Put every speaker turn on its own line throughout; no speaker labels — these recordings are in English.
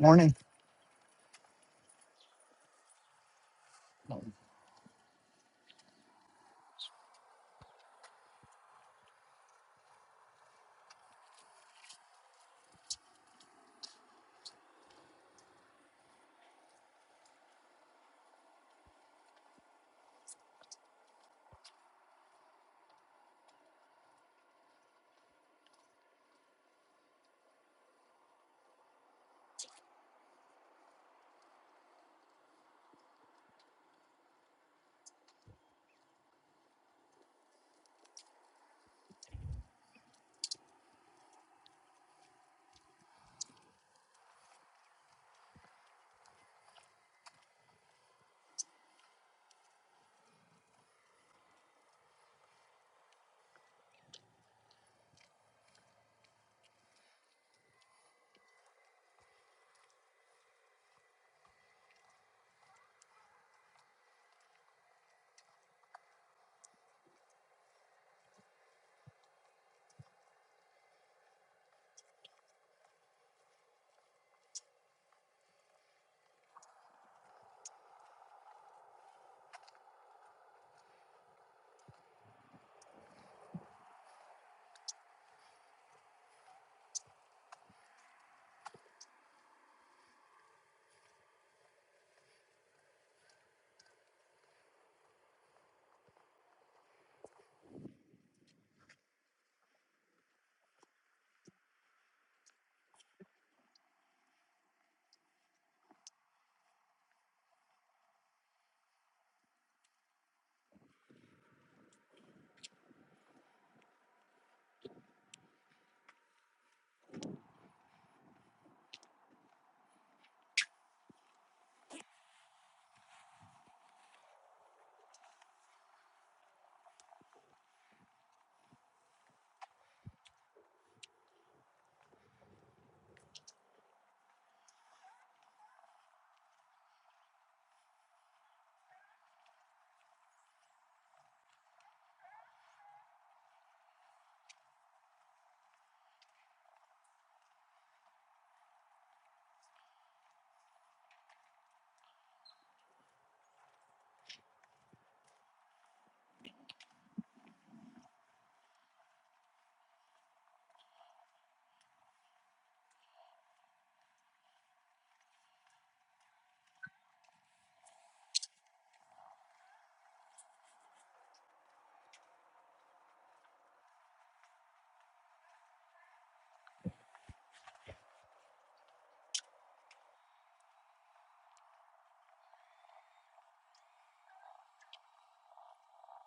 Morning.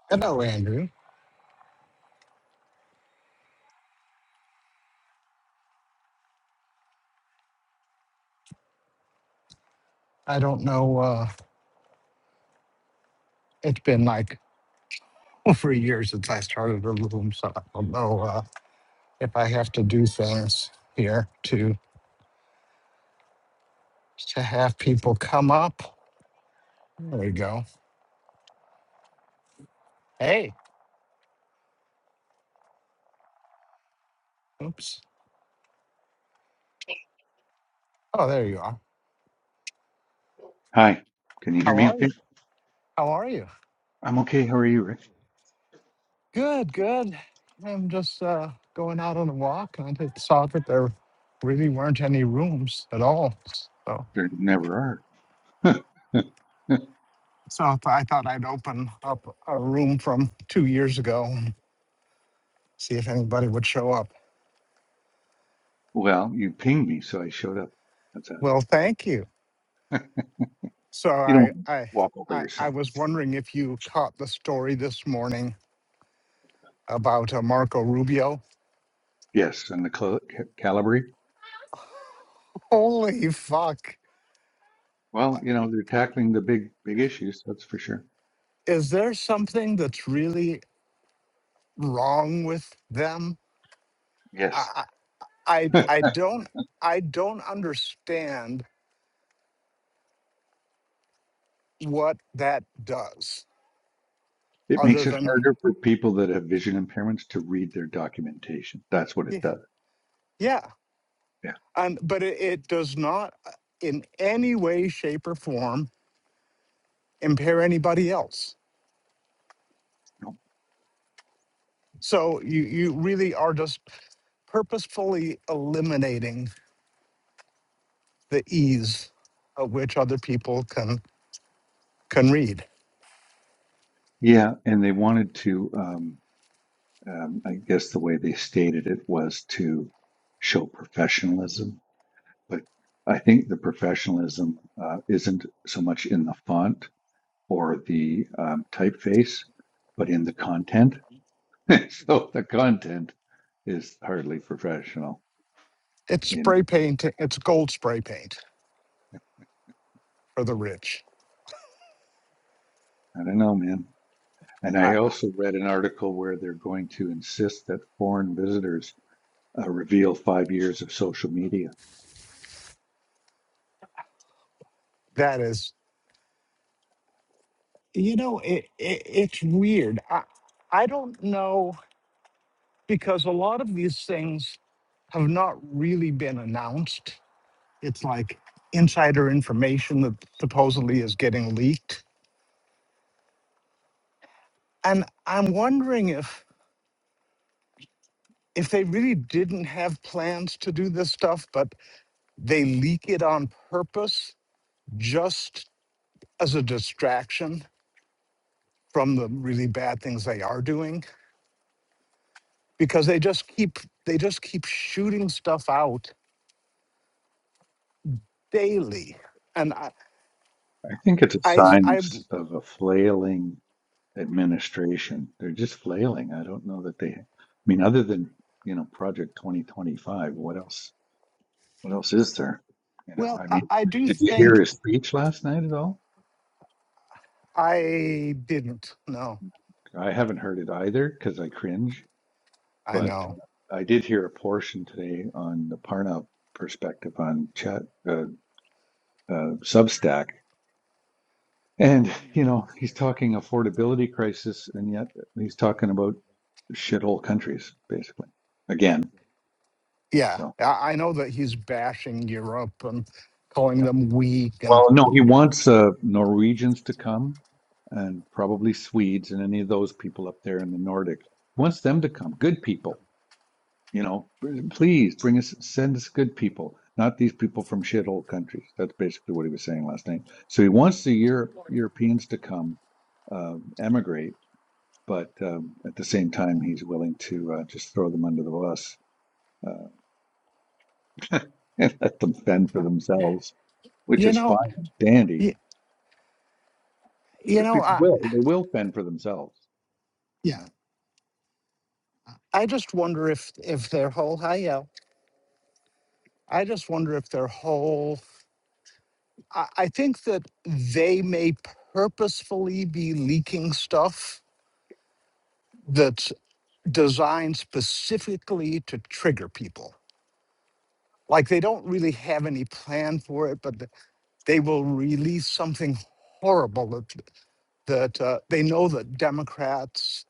Hello, Andrew. I don't know. Uh, it's been like over a year since I started the room, so I don't know uh, if I have to do things here to to have people come up. There we go. Hey. Oops. Oh, there you are.
Hi, can you hear
How
me
are
okay?
you? How are you?
I'm okay. How are you, Rick?
Good. Good. I'm just uh, going out on a walk, and I just saw that there really weren't any rooms at all. So,
There never are.
so I thought I'd open up a room from two years ago. see if anybody would show up.
well, you pinged me, so I showed up. That's that.
Well, thank you. So
You
I
don't
I
walk all by
I, I
yourself.
was wondering if you caught the story this morning about uh, Marco Rubio.
Yes, and the cl- ca- Calabri.
Holy fuck!
Well, you know, they're tackling the big, big issues, that's for sure.
Is there something that's really wrong with them?
Yes.
I I, I I don't I don't understand what that does
It
other
makes it
than
harder for people that have vision impairments to read their documentation. That's what it
y-
does.
yeah
Yeah.
and but it, it does not uh, in any way shape or form impair anybody else
No.
So you you really are just purposefully eliminating the ease of which other people can can read.
Yeah, and they wanted to, um, um, I guess the way they stated it was to show professionalism but I think the professionalism uh, isn't so much in the font or the um, typeface, but in the content. so the content is hardly professional.
It's
And
spray paint. It's gold spray paint for the rich.
I don't know, man. And I
I,
also read an article where they're going to insist that foreign visitors uh, reveal five years of social media.
that is, you know, it, it it's weird. I I don't know because a lot of these things have not really been announced. It's like insider information that supposedly is getting leaked, and I'm wondering if. if they really didn't have plans to do this stuff, but they leak it on purpose just as a distraction from the really bad things they are doing, because they just keep they just keep shooting stuff out daily. And I,
I think it's a
I,
sign of,
I
of a flailing administration. They're just flailing. I don't know that they, I mean, other than, you know, Project 2025, what else, what else is there? You know,
well,
I
I,
mean,
I do
did you hear
think
his speech last night at all?
I didn't. No,
I haven't heard it either because I cringe,
I
but
know.
uh, I did hear a portion today on the Parnell perspective on chat, uh, uh, Substack. And, you know, he's talking affordability crisis and yet he's talking about shithole countries, basically, again.
Yeah,
So.
I, I know that he's bashing Europe and calling them weak, and
Well, No, he wants uh, Norwegians to come and probably Swedes and any of those people up there in the Nordic. He wants them to come. Good people, you know. Please bring us, send us good people, not these people from shithole countries. That's basically what he was saying last night. So he wants the Euro- Europeans to come, uh, emigrate, but um, at the same time, he's willing to uh, just throw them under the bus uh, and let them fend for themselves, which
you
is
know,
fine and dandy.
you, you
because
know,
people
I.
will they will fend for themselves
yeah.
you know
I just wonder if if their whole hi yo. I just wonder if their whole. I, I think that they may purposefully be leaking stuff that's designed specifically to trigger people. Like they don't really have any plan for it, but th- they will release something horrible that that uh, they know that Democrats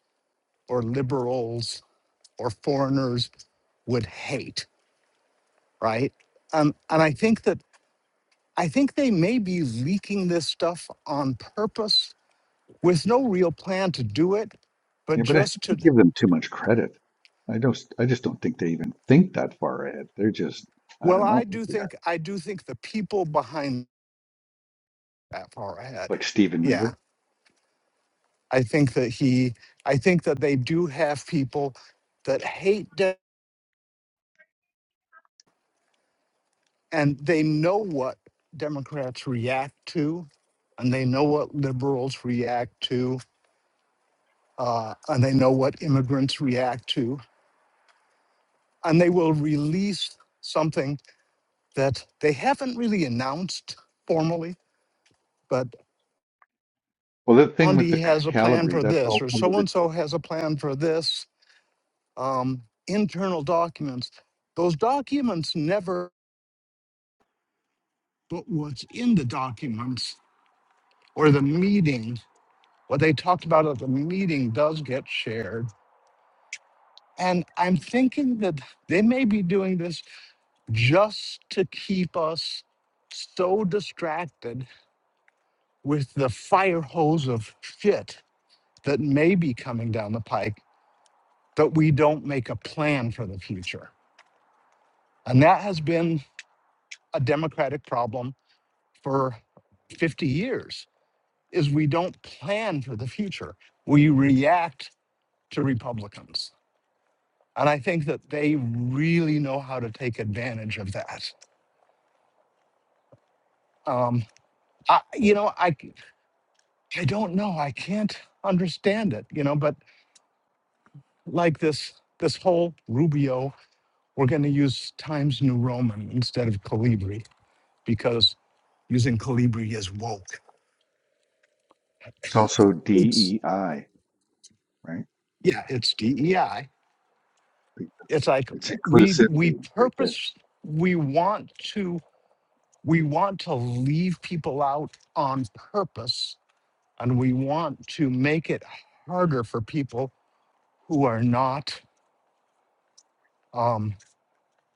or liberals or foreigners would hate, right? Um, and I think that I think they may be leaking this stuff on purpose with no real plan to do it, but
yeah but i think
just to,
you give them too much credit i don't i just don't think they even think that far ahead they're just i
well,
don't know
I
what
do
they are.
think, I do think the people behind that far ahead.
like stephen
Yeah.
miller
I think that he, I think that they do have people that hate de- and they know what Democrats react to and they know what liberals react to uh, and they know what immigrants react to and they will release something that they haven't really announced formally, but
well the thing with the
Andy
c-
has a plan
calibri
for
that's
this,
all
or
part of
so
the
and so has a plan for this. Um, internal documents. Those documents never, but what's in the documents or the meeting, what they talked about at the meeting does get shared. And I'm thinking that they may be doing this just to keep us so distracted with the fire hose of shit that may be coming down the pike that we don't make a plan for the future. And that has been a democratic problem for 50 years is we don't plan for the future. We react to Republicans. And I think that they really know how to take advantage of that. Um, I, you know, I, I don't know. I can't understand it, you know, but like this, this whole Rubio, we're going to use Times New Roman instead of Calibri because using Calibri is woke.
it's also
It's
dei right
yeah, it's DEI.
because
It's like
it's
we we
inclusivity right there
purpose we want to we want to leave people out on purpose, and we want to make it harder for people who are not um,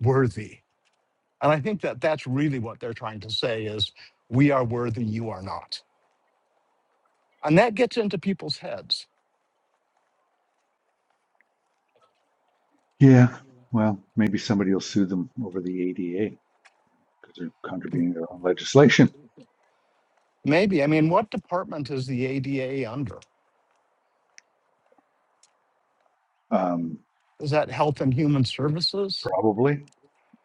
worthy. And I think that that's really what they're trying to say is we are worthy, you are not, and that gets into people's heads.
Yeah, well, maybe somebody will sue them over the ADA because they're contravening their own legislation.
Maybe I mean, what department is the ADA under?
Um,
Is that Health and Human Services?
probably.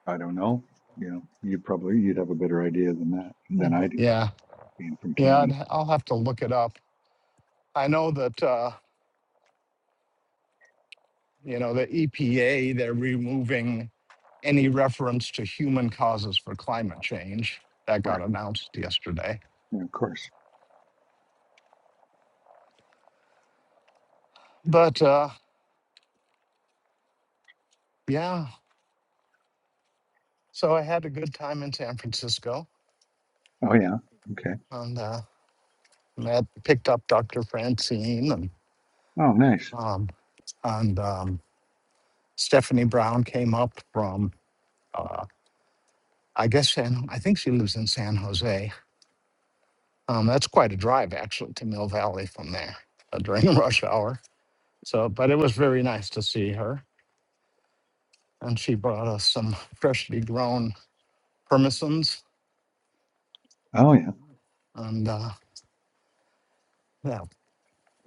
I don't know. You know, you probably you'd have a better idea than that than I do,
Yeah,
being from
yeah,
Canada,
I'd- I'll have to look it up. I know that, uh, you know, the EPA, they're removing any reference to human causes for climate change.
of
That got
course.
announced yesterday.
Yeah, of course.
But uh, yeah, so I had a good time in San Francisco
Oh yeah. Okay.
and uh, met, picked up Dr. Francine and
Oh, nice.
um, and um, Stephanie Brown came up from, uh, I guess, San, I think she lives in San Jose Um, that's quite a drive actually to Mill Valley from there uh, during rush hour. So, but it was very nice to see her, and she brought us some freshly grown permisons,
Oh yeah.
and uh, that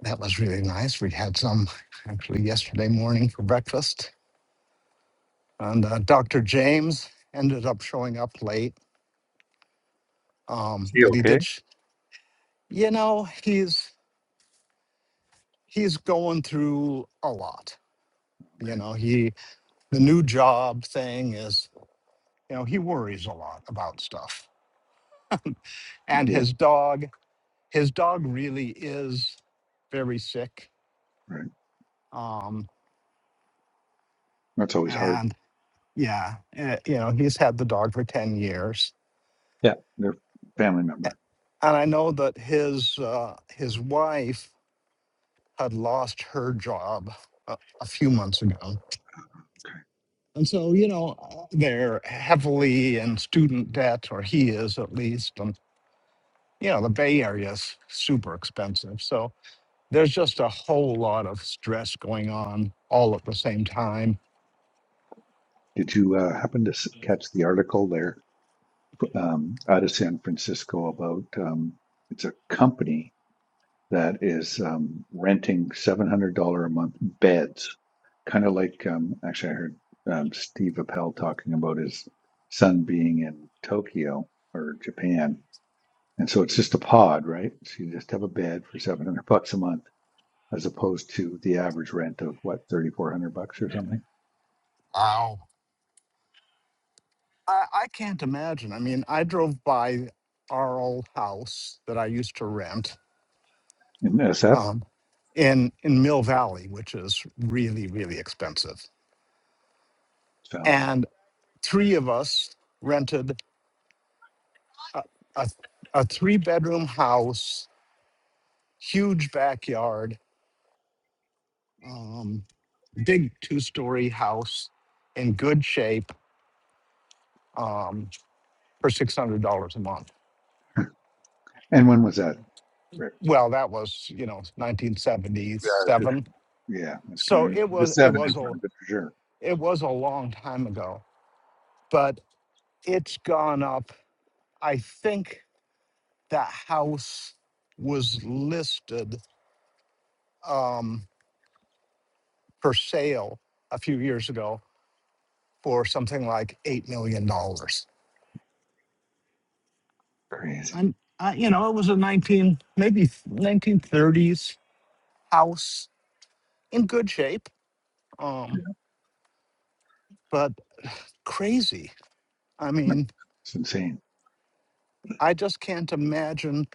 that was really nice. We had some actually yesterday morning for breakfast, and uh, Dr. James ended up showing up late, um,
Is he
but he
okay?
did. Sh- you know, he's he's going through a lot. You
Okay.
know, he the new job thing is you know he worries a lot about stuff and
Yeah.
his dog. His dog really is very sick.
Right.
Um,
That's always hard.
and yeah, eh, you know, he's had the dog for 10 years.
Yeah. They're family
A-
member.
And I know that his uh, his wife had lost her job a, a few months ago.
Okay.
And so, you know, uh, they're heavily in student debt, or he is at least. And, you know, the Bay Area is super expensive. So there's just a whole lot of stress going on all at the same time
Did you uh, happen to s- catch the article there um, out of San Francisco about um, it's a company that is um, renting $700 a month beds, kind of like um, actually I heard um, Steve Appel talking about his son being in Tokyo or Japan. And so it's just a pod, right? So you just have a bed for 700 bucks a month as opposed to the average rent of what, 3400 bucks or something
Wow. I, I can't imagine. I mean, I drove by our old house that I used to rent
in SF?
um, in in Mill Valley, which is really really expensive.
Sounds it.
And three of us rented a, a, a three bedroom house, huge backyard, um, big two story house in good shape um, for six hundred dollars a month.
And when was that, Rick?
Well, that was you know
Yeah, it's-
1977
fifteen. yeah, it's
So
going to
it
put a
was it
seven in
was a
front of it for sure.
it was a long time ago, but it's gone up. I think the house was listed um, for sale a few years ago for something like eight million dollars.
Crazy.
And uh, you know, it was a nineteen maybe nineteen thirties house in good shape, um, but crazy. I
No,
mean,
It's insane.
I just can't imagine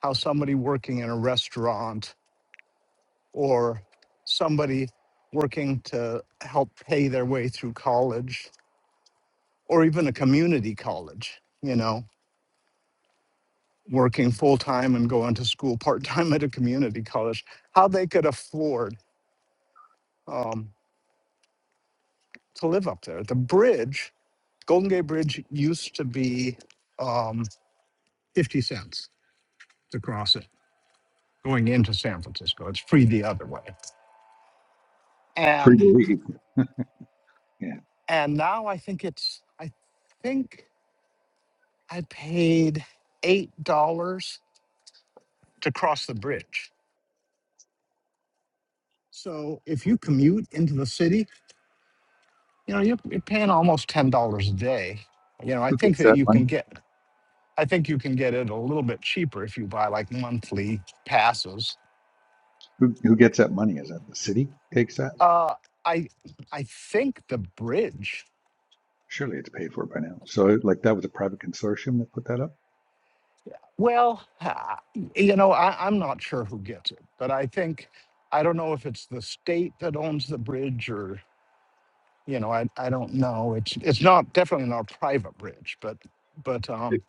how somebody working in a restaurant or somebody working to help pay their way through college or even a community college, you know, working full time and going to school part time at a community college, how they could afford um, to live up there. The bridge, Golden Gate Bridge, used to be um, 50 cents to cross it going into San Francisco. It's free the other way.
Free
And
to leave. Yeah.
and now I think it's I think I paid eight dollars to cross the bridge. So if you commute into the city, you know, you're, you're paying almost ten dollars a day. You know, I
Who
think
gets
that
that
you
money?
can get, I think you can get it a little bit cheaper if you buy like monthly passes.
Who who gets that money? Is that the city takes that?
Uh, I, I think the bridge.
Surely it's paid for by now. So like that was a private consortium that put that up.
Well, ah, you know, I, I'm not sure who gets it, but I think, I don't know if it's the state that owns the bridge or, you know, I, I don't know. It's, it's not definitely not a private bridge, but, but um,
It,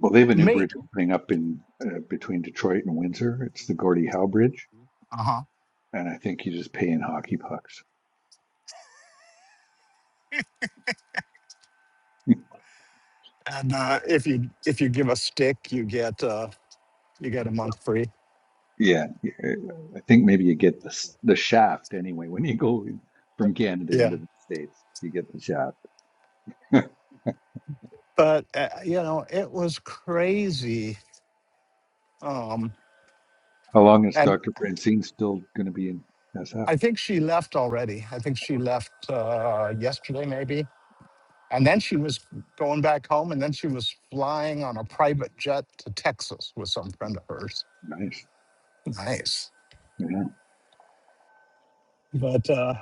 well, they have a new
may,
bridge opening up in uh, between Detroit and Windsor. It's the Gordie Howe Bridge,
uh-huh.
and I think you just pay in hockey pucks.
And uh, if you if you give a stick, you get uh, you get a month free.
Yeah, yeah, I think maybe you get the s- the shaft anyway when you go in from Canada into
Yeah,
the States. You get the shaft.
but uh, you know it was crazy. Um,
How long is
and
Dr. Francine still going to be in SF?
I think she left already. I think she left uh, yesterday maybe. And then she was going back home, and then she was flying on a private jet to Texas with some friend of hers.
Nice.
Nice,
Yeah.
but uh,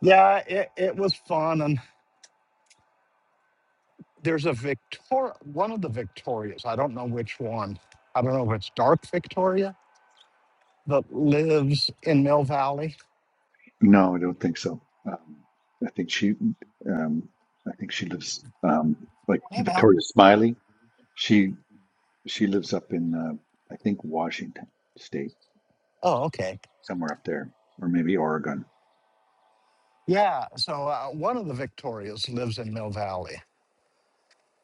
yeah, it, it was fun. And there's a Victoria, one of the Victorias. I don't know which one. I don't know if it's Dark Victoria that lives in Mill Valley.
No, I don't think so. Um, I think she, um, I think she lives, um, like
Hey, Mel.
Victoria Smiley. She, she lives up in, uh, I think Washington State,
Oh, okay.
somewhere up there, or maybe Oregon.
Yeah. So uh, one of the Victorias lives in Mill Valley,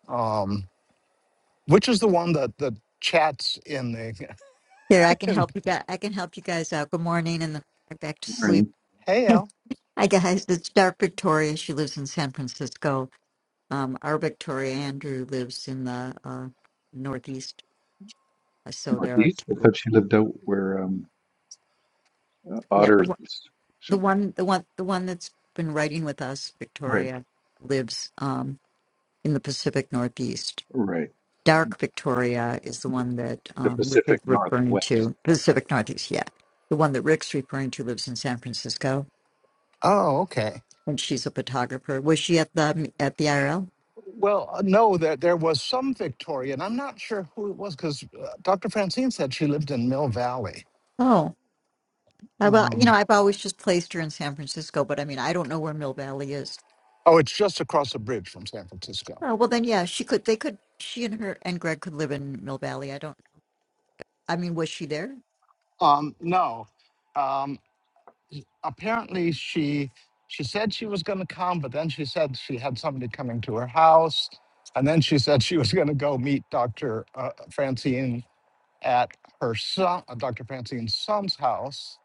um, which is the one that that chats in the.
Here, I can
in-
help you guys. I can help you guys out. Good morning, and then back to
Her
sleep.
name?
hey, El.
Hi guys, it's Dark Victoria. She lives in San Francisco. Um, our Victoria Andrew lives in the uh, Northeast. Uh, So there are
Northeast. I
two.
thought she lived out where, um, uh,
Yeah, the
Otter
one,
is
the
somewhere.
one, the one, the one that's been writing with us,
Right.
Victoria, lives um, in the Pacific Northeast.
Right.
Dark Victoria is the one that
The
um, Rick is
Pacific
referring
Northwest.
to. Pacific Northeast, yeah. The one that Rick's referring to lives in San Francisco
Oh, okay.
when she's a photographer. Was she at the at the IRL?
Well, uh, no, there there was some Victoria, and I'm not sure who it was because uh, Dr. Francine said she lived in Mill Valley.
Oh, I, well, you know,
Um,
I've always just placed her in San Francisco, but I mean, I don't know where Mill Valley is.
oh, it's just across the bridge from San Francisco.
Oh, well, then yeah, she could. They could. She and her and Greg could live in Mill Valley. I don't. I mean, was she there?
Um, no. um, apparently she she said she was going to come but then she said she had somebody coming to her house and then she said she was going to go meet dr uh, francine at her son uh, dr francine's son's house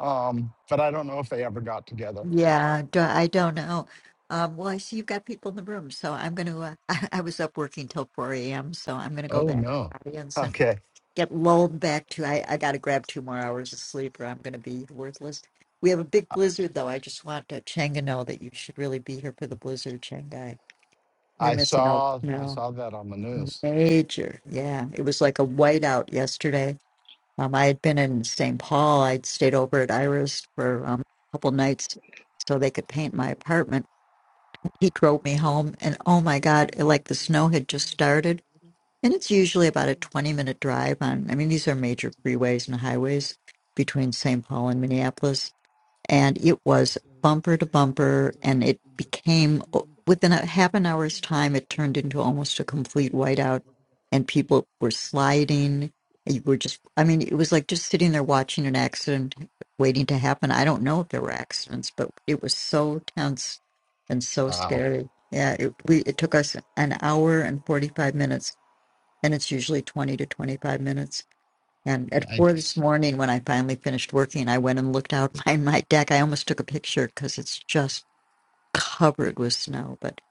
um, but i don't know if they ever got together
Yeah, do, I don't know. Um, well, I see you've got people in the room, so I'm going to. Uh, I, I was up working till 4 a.m., so I'm going to go
oh
back
no
to the audience. and
okay
get lulled back to I, I gotta grab two more hours of sleep or I'm gonna be worthless. We have a big blizzard though. I just want uh, Chang to know that you should really be here for the blizzard, Shanghai. You're
i
missing out
saw i
now.
saw that on the news
Major. Yeah. It was like a whiteout yesterday. Um I had been in St. Paul. I'd stayed over at Iris for um, a couple nights so they could paint my apartment. He drove me home and oh my God, like the snow had just started and it's usually about a 20 minute drive on, I mean, these are major freeways and highways between St. Paul and Minneapolis. And it was bumper to bumper, and it became within a half an hour's time, it turned into almost a complete whiteout, and people were sliding. You were just, I mean, it was like just sitting there watching an accident waiting to happen. I don't know if there were accidents, but it was so tense and so
wow
scary. Yeah, it, we, it took us an hour and 45 minutes and it's usually 20 to 25 minutes. And at four this
Yikes.
morning, when I finally finished working, I went and looked out my, my deck. I almost took a picture because it's just covered with snow. But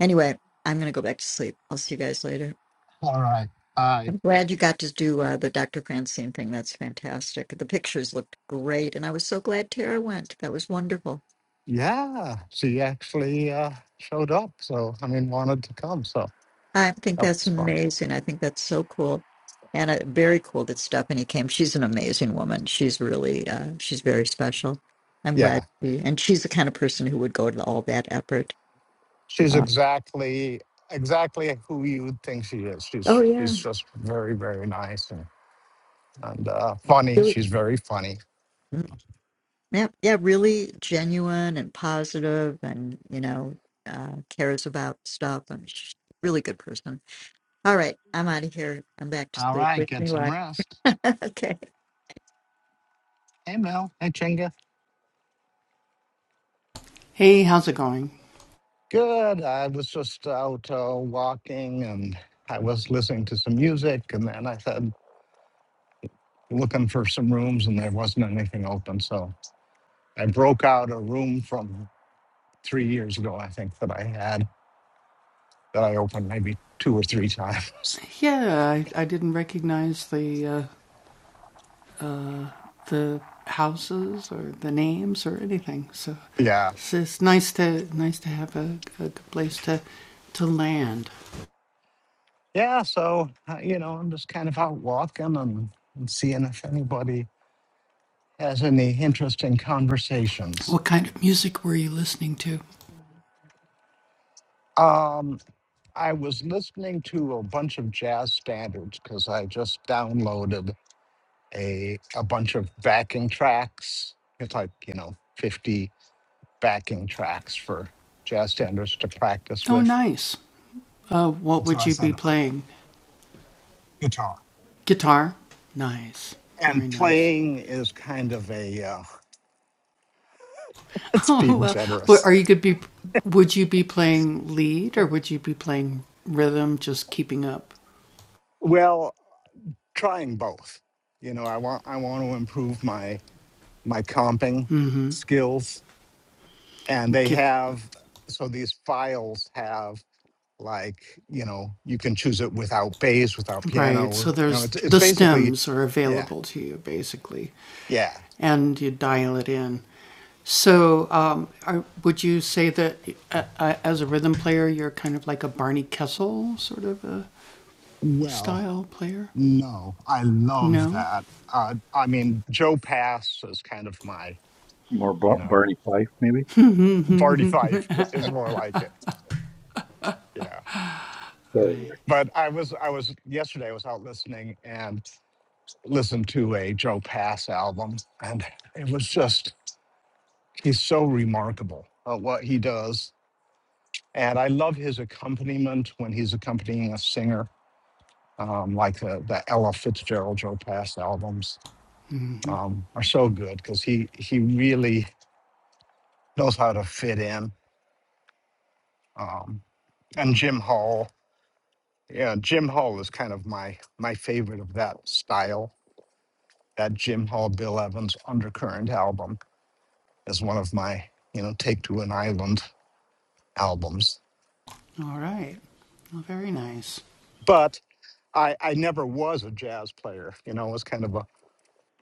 anyway, I'm going to go back to sleep. I'll see you guys later.
all right i
I'm glad you got to do uh, the Dr. Francine thing. That's fantastic. The pictures looked great. And I was so glad Tara went. That was wonderful.
yeah she actually uh, showed up so i mean wanted to come so
I think
that
that's
was fun
amazing. I think that's so cool, and uh, very cool that Stephanie came. She's an amazing woman. She's really, uh, she's very special. I'm
Yeah.
glad, she, and she's the kind of person who would go to all that effort.
She's
Uh,
exactly exactly who you would think she is. She's
oh yeah,
she's just very very nice and and uh, funny.
really,
She's very funny.
Mm, yeah, yeah, really genuine and positive, and you know, uh, cares about stuff. And she's a really good person. All right, I'm out of here. I'm back to
All
sleep.
right,
Wish
get
me
some
luck.
rest.
Okay.
Hey Mel. Hey Chinga.
Hey, how's it going?
Good. I was just out uh, walking and I was listening to some music and then I said looking for some rooms and there wasn't anything open. So I broke out a room from three years ago, I think that I had that I opened maybe two or three times.
Yeah, I, I didn't recognize the uh, the houses or the names or anything. So
Yeah.
it's, it's nice to nice to have a, a good place to to land.
yeah, so, uh, you know, I'm just kind of out walking and, and seeing if anybody has any interesting conversations.
What kind of music were you listening to?
Um, I was listening to a bunch of jazz standards because I just downloaded a, a bunch of backing tracks. It's like, you know, 50 backing tracks for jazz standards to practice
Oh,
with.
nice. Uh, what
And so
would
I
you
said,
be
"Ah,
playing?
guitar.
Guitar. Nice. Very
And
nice.
playing is kind of a, uh, it's
Oh
being
well, but
generous.
are you gonna be? Would you be playing lead or would you be playing rhythm? Just keeping up.
Well, trying both. You know, I want I want to improve my my comping skills, and they
Give
have so these files have like you know you can choose it without bass, without
Right.
piano.
So
You know,
there's
it's it's
the
basically,
stems are
yeah,
available to you basically,
yeah.
and you dial it in. So um, are, would you say that uh, uh, as a rhythm player, you're kind of like a Barney Kessel sort of a
Well,
style player?
no, I love
No.
that. Uh, I mean, Joe Pass is kind of my
More
you
Bar-
know
Barney Fife, maybe?
Barty Fife is more like it. Yeah,
Sorry, Rick.
but I was I was yesterday I was out listening and listened to a Joe Pass album, and it was just he's so remarkable at what he does. And I love his accompaniment when he's accompanying a singer, um, like the, the Ella Fitzgerald Joe Pass albums
Mm-hmm.
um, are so good because he he really knows how to fit in. Um, and Jim Hall, yeah, Jim Hall is kind of my my favorite of that style. That Jim Hall Bill Evans Undercurrent album is one of my you know take to an island albums.
All right. Well, very nice.
But I, I never was a jazz player. You know, it was kind of a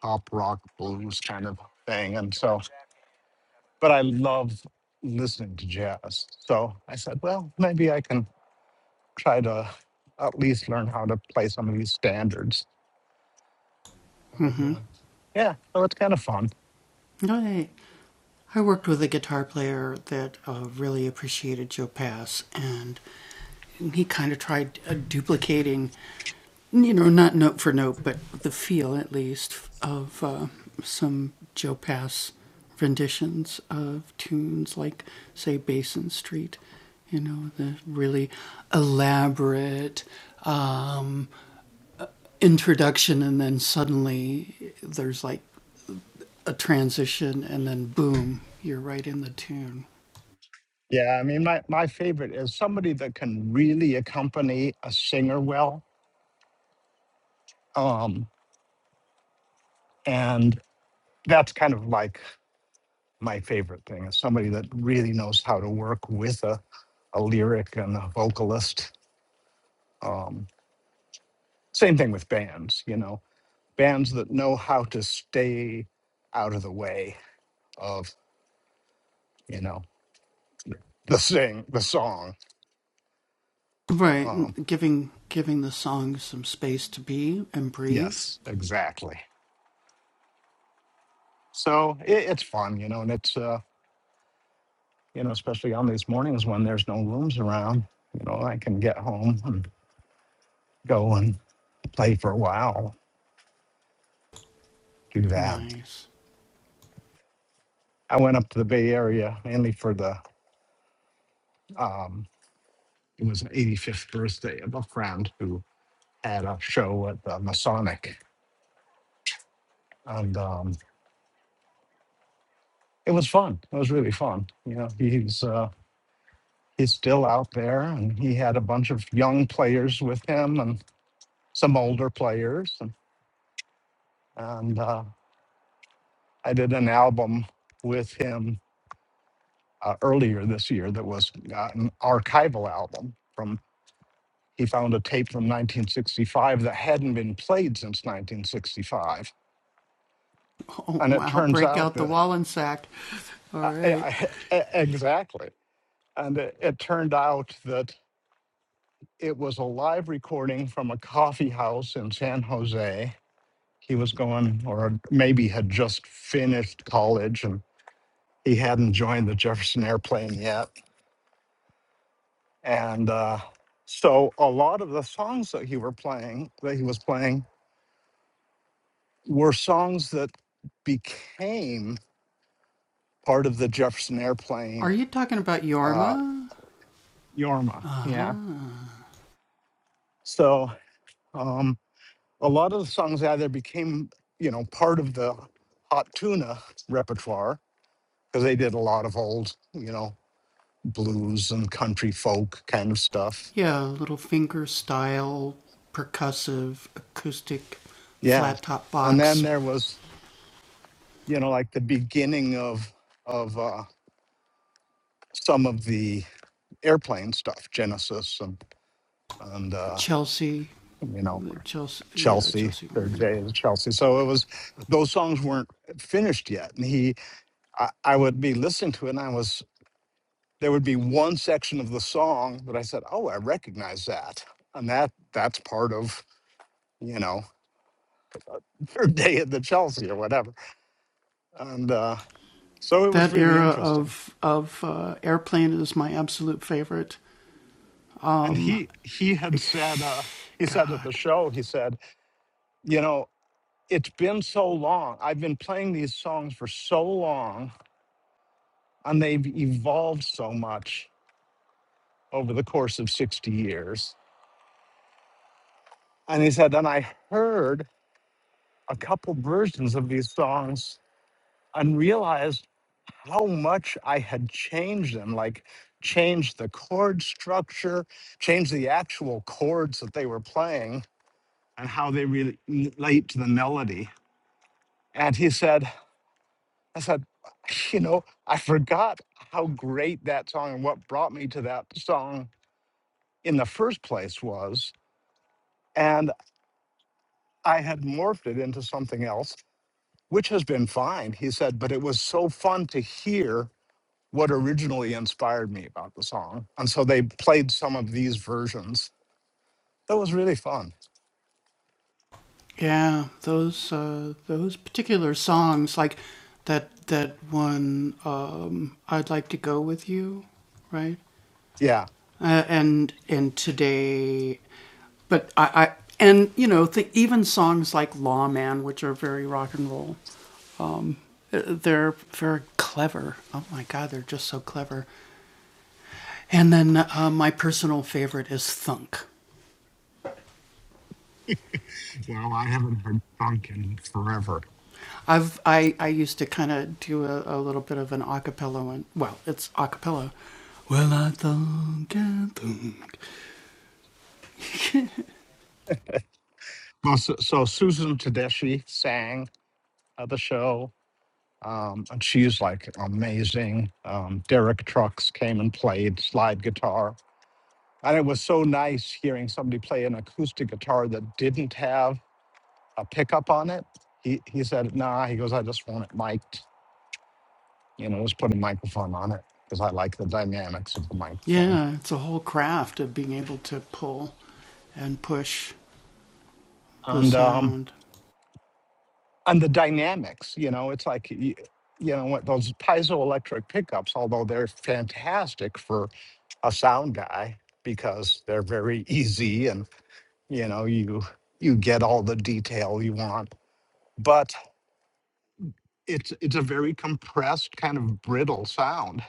pop rock blues kind of thing. And so, but I love listening to jazz. So I said, well, maybe I can try to at least learn how to play some of these standards.
Mm-hmm.
Yeah, so it's kind of fun.
All right. I worked with a guitar player that uh, really appreciated Joe Pass, and he kind of tried uh, duplicating, you know, not note for note, but the feel at least of uh, some Joe Pass renditions of tunes like, say, Basin Street, you know, the really elaborate um, introduction, and then suddenly there's like a transition and then boom, you're right in the tune.
Yeah, I mean, my, my favorite is somebody that can really accompany a singer well. Um, and that's kind of like my favorite thing is somebody that really knows how to work with a, a lyric and a vocalist. Um, same thing with bands, you know, bands that know how to stay out of the way of, you know, the sing, the song.
Right,
Um,
giving giving the song some space to be and breathe.
yes, exactly. So it, it's fun, you know, and it's, uh, you know, especially on these mornings when there's no rooms around, you know, I can get home and go and play for a while, do that.
Nice.
I went up to the Bay Area mainly for the um, it was an 85th birthday of a friend who had a show at the Masonic, and um, it was fun. It was really fun. You know, he's uh, he's still out there, and he had a bunch of young players with him, and some older players, and, and uh, I did an album with him uh, earlier this year that was uh, an archival album from. He found a tape from 1965 that hadn't been played since 1965.
Oh
And it
wow,
turns
break
out
out the
that
Wallensack. All
I,
right.
I, I- exactly. And it, it turned out that it was a live recording from a coffee house in San Jose. He was going, or maybe had just finished college and he hadn't joined the Jefferson Airplane yet. And uh, so a lot of the songs that he were playing, that he was playing, were songs that became part of the Jefferson Airplane
Are you talking about
uh,
Yorma?
Yorma. Yeah. So. um. a lot of the songs either became, you know, part of the hot tuna repertoire because they did a lot of old, you know, blues and country folk kind of stuff.
Yeah, little finger style, percussive, acoustic,
Yeah.
flat top
And then
box.
there was, you know, like the beginning of of uh, some of the airplane stuff, Genesis and and uh,
Chelsea,
you know
Chelsea, yeah,
Chelsea,
Chelsea
Third
Morning.
Day is Chelsea. So it was those songs weren't finished yet, and he, I, I would be listening to it, and I was there would be one section of the song that I said, "Oh, I recognize that," and that that's part of you know their day at the Chelsea or whatever. And uh, so it was
That
really
era
interesting.
of of uh, airplane is my absolute favorite.
And he he had said uh, he said at the
God.
show he said, you know, it's been so long. I've been playing these songs for so long, and they've evolved so much over the course of sixty years. And he said, and I heard a couple versions of these songs and realized how much I had changed them, like changed the chord structure, changed the actual chords that they were playing and how they re- relate to the melody. And he said, I said, you know, I forgot how great that song and what brought me to that song in the first place was. And I had morphed it into something else, which has been fine. He said, but it was so fun to hear what originally inspired me about the song. And so they played some of these versions. That was really fun.
Yeah, those uh, those particular songs, like that that one, um, I'd like to go with you, right?
Yeah.
Uh, and and today, but I, I and you know th- even songs like Lawman, which are very rock and roll, uh, they're very clever. Oh my God, they're just so clever. And then uh, my personal favorite is Thunk.
Well, I haven't heard funk in forever.
I've I, I used to kind of do a, a little bit of an acapella one. Well, it's acapella. Well, I think, I think.
Well, so, so Susan Tedeschi sang at the show, um, and she's like amazing. Um, Derek Trucks came and played slide guitar. And it was so nice hearing somebody play an acoustic guitar that didn't have a pickup on it. He, he said, nah, he goes, I just want it mic'd You know, just put a microphone on it because I like the dynamics of the microphone
Yeah, it's a whole craft of being able to pull and push the
and um
sound.
and the dynamics. You know, it's like y- you know what those piezoelectric pickups, although they're fantastic for a sound guy because they're very easy and you know you you get all the detail you want, but it's it's a very compressed kind of brittle sound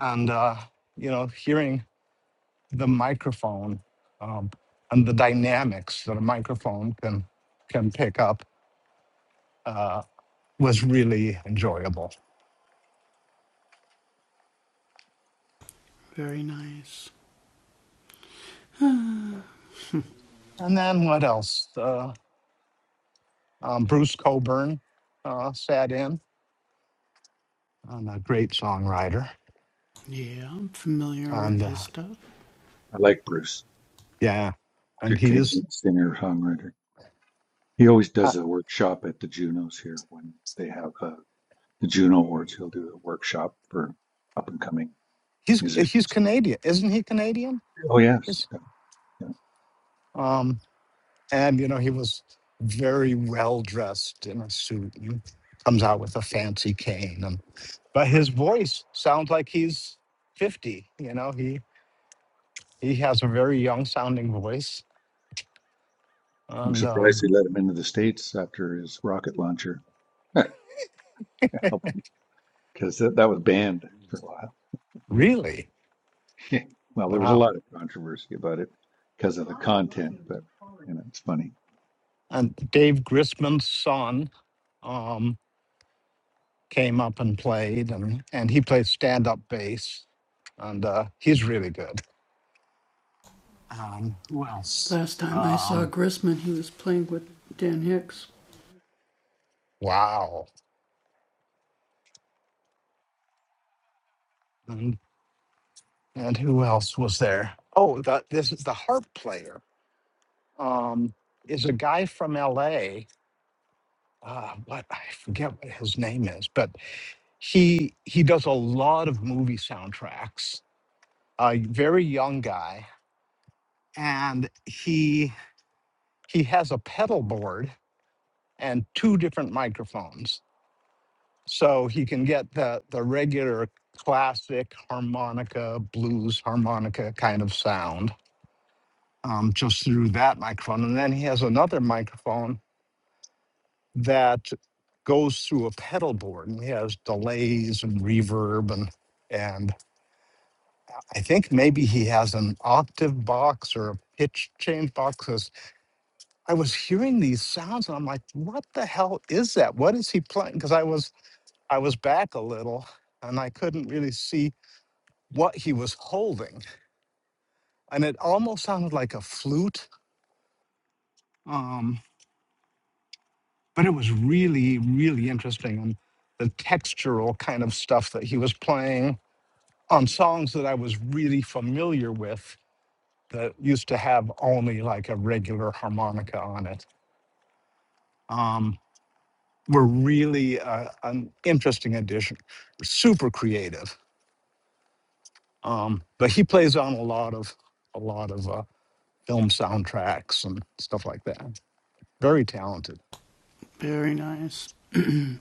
and uh, you know hearing. the microphone um, and the dynamics that a microphone can can pick up uh, was really enjoyable.
Very nice.
And then what else? Uh, um, Bruce Coburn uh, sat in, and a great songwriter,
Yeah, I'm familiar with
and
his
uh,
stuff.
I like Bruce.
yeah, and
good
he's
Canadian singer songwriter. He always
uh,
does a workshop at the Junos here when they have uh, the Juno Awards. He'll do a workshop for up and coming
he's
musicians.
he's Canadian, isn't he Canadian?
Oh yes,
Yes.
yeah. yeah.
Um, and you know he was very well dressed in a suit and comes out with a fancy cane and. but his voice sounds like he's 50 you know he he has a very young sounding voice
I'm
and
surprised
um,
they let him into the states after his rocket launcher because that, that was banned for a while.
really
well, there was a
wow
lot of controversy about it because of the content, but you know it's funny.
and dave grisman's son um, came up and played and, and he plays stand-up bass and uh, he's really good um, who else
Last time I saw
um,
Grisman, he was playing with Dan Hicks.
wow and, and who else was there oh the, this is the harp player um, is a guy from la uh, but I forget what his name is, but he he does a lot of movie soundtracks. A very young guy, and he he has a pedal board and two different microphones, so he can get the the regular classic harmonica blues harmonica kind of sound um, just through that microphone, and then he has another microphone that goes through a pedal board and has delays and reverb and and I think maybe he has an octave box or a pitch change box. 'cause I was hearing these sounds and I'm like, what the hell is that? What is he playing? Because I was I was back a little and I couldn't really see what he was holding, and it almost sounded like a flute. Um, but it was really really interesting and the textural kind of stuff that he was playing on songs that I was really familiar with that used to have only like a regular harmonica on it um, were really uh, an interesting addition. Super creative, um, but he plays on a lot of a lot of uh, film soundtracks and stuff like that. Very talented.
Very nice.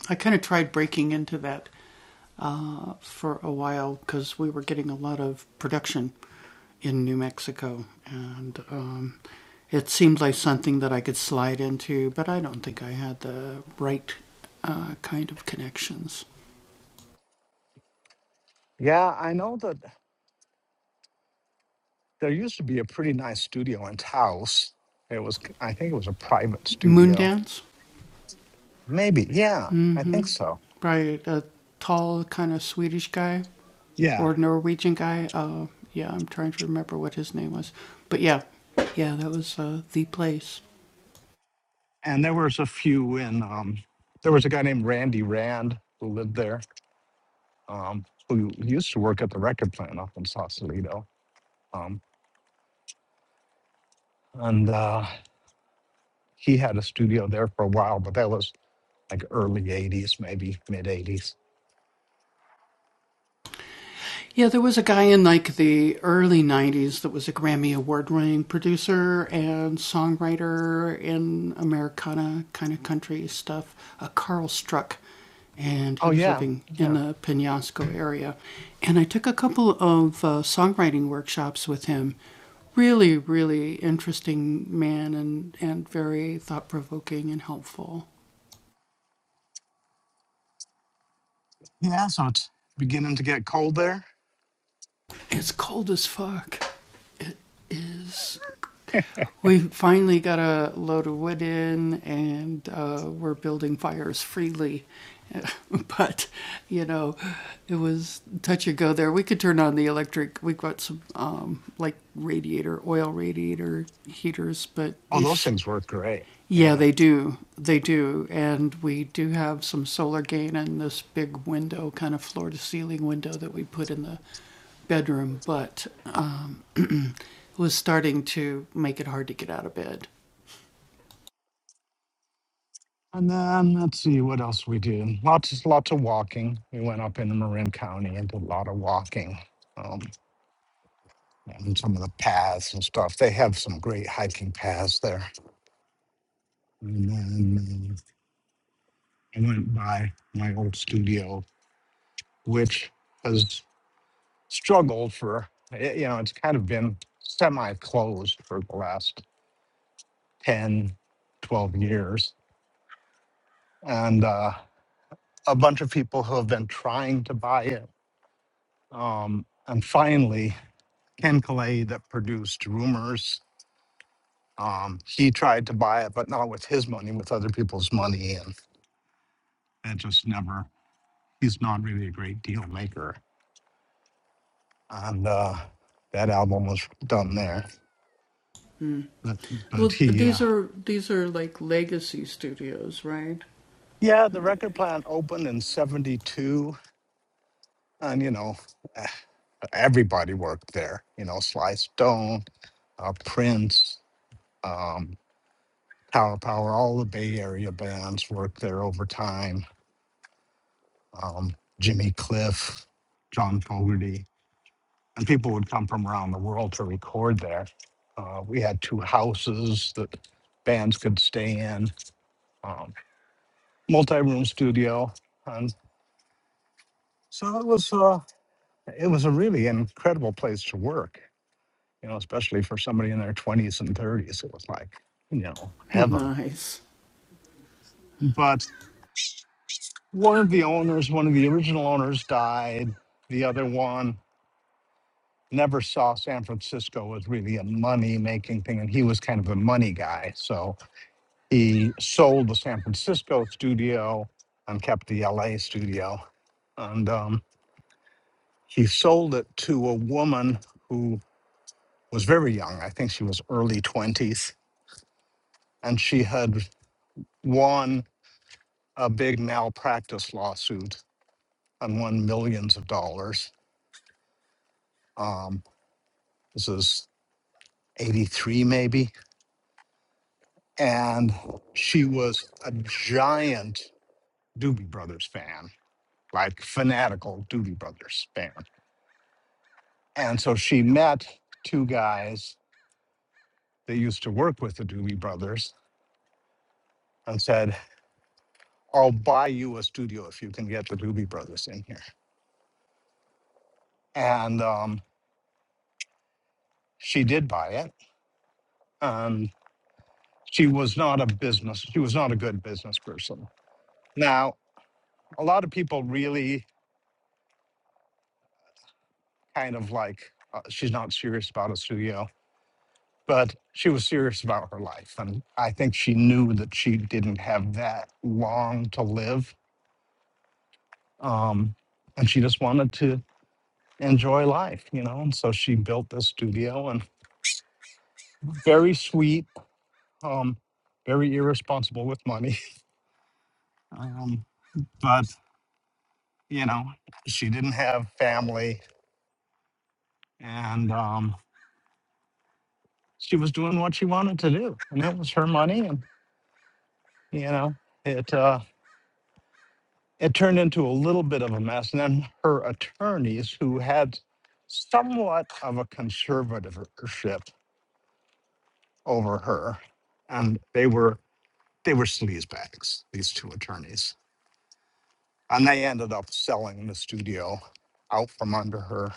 I kind of tried breaking into that uh, for a while because we were getting a lot of production in New Mexico, and um, it seemed like something that I could slide into, but I don't think I had the right uh, kind of connections.
Yeah, I know that there used to be a pretty nice studio in Taos. It was, I think, it was a private studio.
Moondance
Maybe, yeah, I think so.
by a tall kind of Swedish guy
Yeah,
or Norwegian guy. Uh, yeah, I'm trying to remember what his name was, but yeah, yeah, that was uh, the place.
and there was a few in um there was a guy named randy rand who lived there um who used to work at the record plant up in sausalito um and uh he had a studio there for a while but that was like early 80s maybe mid 80s
Yeah, there was a guy in like the early 90s that was a Grammy award winning producer and songwriter in Americana kind of country stuff, uh, Carl Struck. And he
oh
was
yeah
living in
yeah
the Penasco area. And I took a couple of uh, songwriting workshops with him. Really, really interesting man and, and very thought provoking and helpful.
yeah so it's beginning to get cold there
It's cold as fuck is We finally got a load of wood in and uh, we're building fires freely. but, you know, it was touch and go there. We could turn on the electric. We've got some um, like radiator, oil radiator heaters, but
oh those
ish,
things work great
yeah,
yeah
they do. They do. And we do have some solar gain in this big window, kind of floor to ceiling window that we put in the bedroom, but um, it was starting to make it hard to get out of bed.
and then let's see what else we did lots lots of walking we went up into marin county and did a lot of walking Um, and some of the paths and stuff. They have some great hiking paths there. And then uh, I went by my old studio, which has struggled for, y- you know, it's kind of been semi closed for the last 10, 12 years. And uh, a bunch of people who have been trying to buy it. Um, and finally, Ken Calais, that produced Rumors, um, he tried to buy it, but not with his money, with other people's money. And it just never he's not really a great deal maker. And uh, that album was done there. But, but
Well,
he, uh,
these are these are like legacy studios, right?
yeah, the record plant opened in 72. And, you know, everybody worked there. You know, Sly Stone, uh, Prince, um, Power Power, all the Bay Area bands worked there over time. Um, Jimmy Cliff, John Fogerty and people would come from around the world to record there. Uh, we had two houses that bands could stay in, um, multi-room studio, and so it was uh, it was a really incredible place to work. You know, especially for somebody in their twenties and thirties, it was like you know heaven.
Nice.
But one of the owners, one of the original owners, died. The other one never saw San Francisco as really a money-making thing, and he was kind of a money guy. So He sold the San Francisco studio and kept the LA studio. And um, he sold it to a woman who was very young. I think she was early 20s. And she had won a big malpractice lawsuit and won millions of dollars. Um, this is 83, maybe. And she was a giant Doobie Brothers fan, like fanatical Doobie Brothers fan. And so she met two guys that used to work with the Doobie Brothers and said, I'll buy you a studio if you can get the Doobie Brothers in here. And um, she did buy it. Um, she was not a business, she was not a good business person. Now, a lot of people really kind of like, uh, she's not serious about a studio, but she was serious about her life. And I think she knew that she didn't have that long to live. Um, and she just wanted to enjoy life, you know. And so she built this studio and very sweet, um, very irresponsible with money. Um, but, you know, she didn't have family and um, she was doing what she wanted to do. And it was her money. And, you know, it, uh, it turned into a little bit of a mess. And then her attorneys, who had somewhat of a conservatorship over her, and they were they were sleazebags, these two attorneys And they ended up selling the studio out from under her.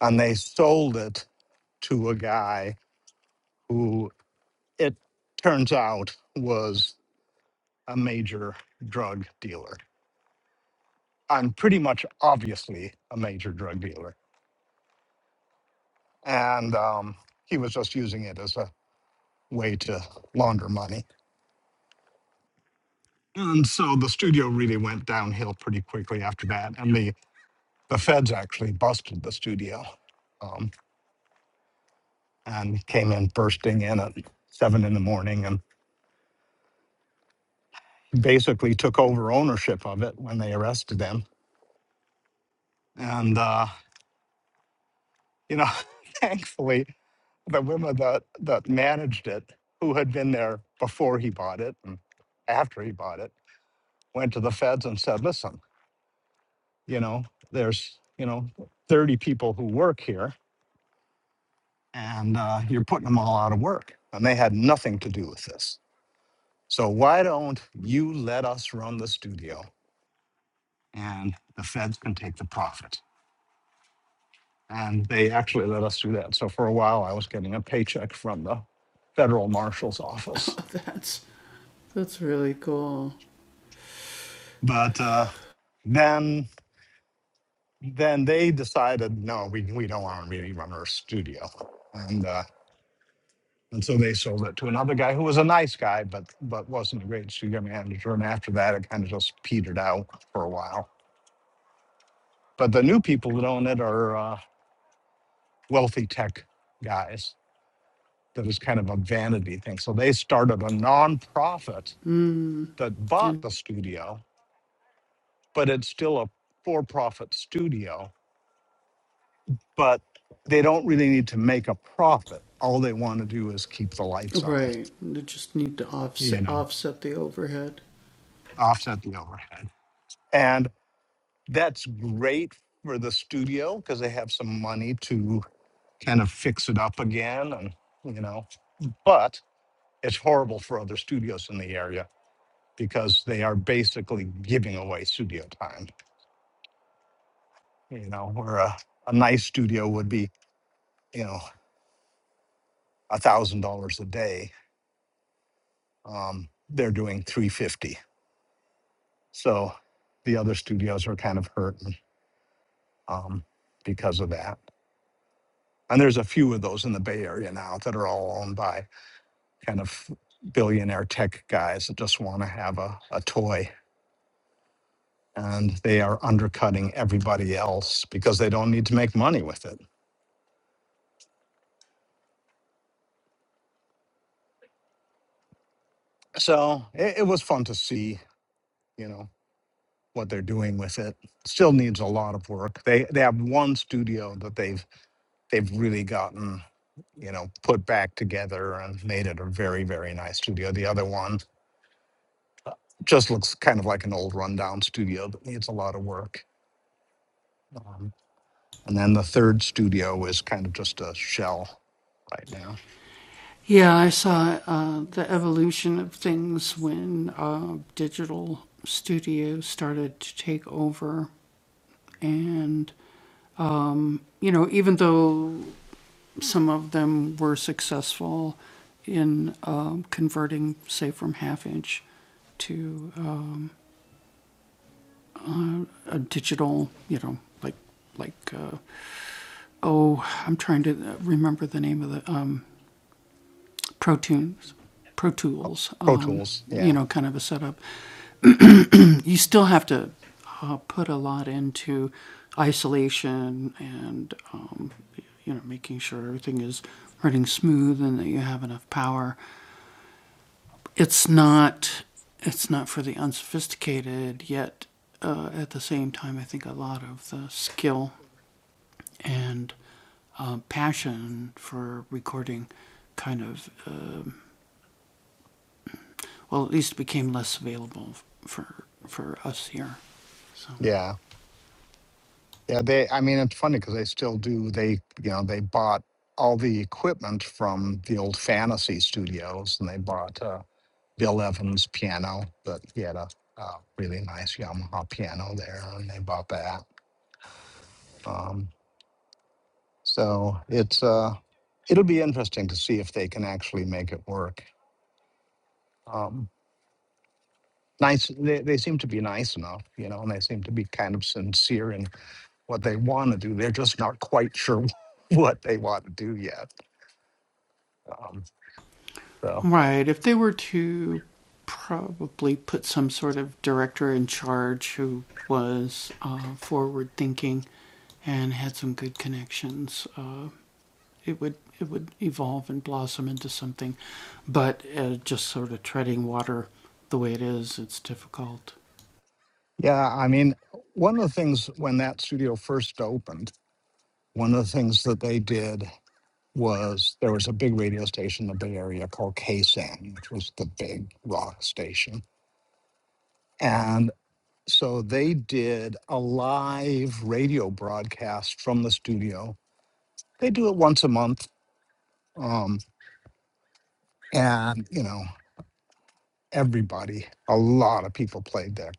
And they sold it to a guy who it turns out was a major drug dealer and pretty much obviously a major drug dealer. And um, he was just using it as a way to launder money. And so the studio really went downhill pretty quickly after that. And the, the feds actually busted the studio Um, and came in bursting in at seven in the morning and basically took over ownership of it when they arrested him. And uh, you know, thankfully, the women that that managed it, who had been there before he bought it and after he bought it, went to the feds and said, "Listen, you know, there's you know 30 people who work here, and uh, you're putting them all out of work." And they had nothing to do with this. So why don't you let us run the studio and the feds can take the profit. And they actually let us do that. So for a while, I was getting a paycheck from the federal marshal's
Oh,
office.
that's that's really cool.
But uh, then, then they decided, no, we, we don't want to really run our studio, and uh, and so they sold it to another guy who was a nice guy, but but wasn't a great studio manager. And after that, it kind of just petered out for a while. But the new people that own it are uh, wealthy tech guys that was kind of a vanity thing. So they started a nonprofit
Mm,
that bought
and,
the studio, but it's still a for profit studio, but they don't really need to make a profit. All they want to do is keep the lights on,
right. They just need to
you
offset
know,
offset the overhead.
offset the overhead. And that's great for the studio because they have some money to kind of fix it up again and, you know, but it's horrible for other studios in the area because they are basically giving away studio time you know, where a, a nice studio would be, you know, a thousand dollars a day. Um, they're doing three fifty. So the other studios are kind of hurting um, because of that. And there's a few of those in the Bay Area now that are all owned by kind of billionaire tech guys that just want to have a, a toy. And they are undercutting everybody else because they don't need to make money with it. So it, it was fun to see, you know. what they're doing with it. Still needs a lot of work. They they have one studio that they've they've really gotten you know put back together and made it a very very nice studio. The other one uh, just looks kind of like an old rundown studio that needs a lot of work. Um, and then the third studio is kind of just a shell right now.
Yeah, I saw uh, the evolution of things when uh, digital studios started to take over. And, um, you know, even though some of them were successful in um, converting, say, from half inch to um, a digital, you know, like, like, uh, oh, I'm trying to remember the name of the um, Pro Tools, Pro Tools,
Pro
um,
Tools,
you
yeah,
know, kind of a setup. you still have to uh, put a lot into isolation and um, you know making sure everything is running smooth and that you have enough power. It's not it's not for the unsophisticated yet. Uh, at the same time, I think a lot of the skill and uh, passion for recording kind of um, well at least became less available for for us here. So.
yeah, yeah. They, I mean, it's funny because they still do. They, you know, they bought all the equipment from the old Fantasy Studios, and they bought. Uh, Bill Evans piano, but he had a, a really nice Yamaha piano there, and they bought that. Um, so it's uh, it'll be interesting to see if they can actually make it work. Um, nice, they, they seem to be nice enough, you know, and they seem to be kind of sincere in what they want to do. They're just not quite sure what they want to do yet. Um, so
Right. If they were to probably put some sort of director in charge who was uh, forward thinking and had some good connections, uh, it would it would evolve and blossom into something. But uh, just sort of treading water the way it is, it's difficult.
yeah, I mean, one of the things when that studio first opened, one of the things that they did was there was a big radio station in the Bay Area called KSAN, which was the big rock station. And so they did a live radio broadcast from the studio. They do it once a month. Um, and, you know, everybody, a lot of people played there.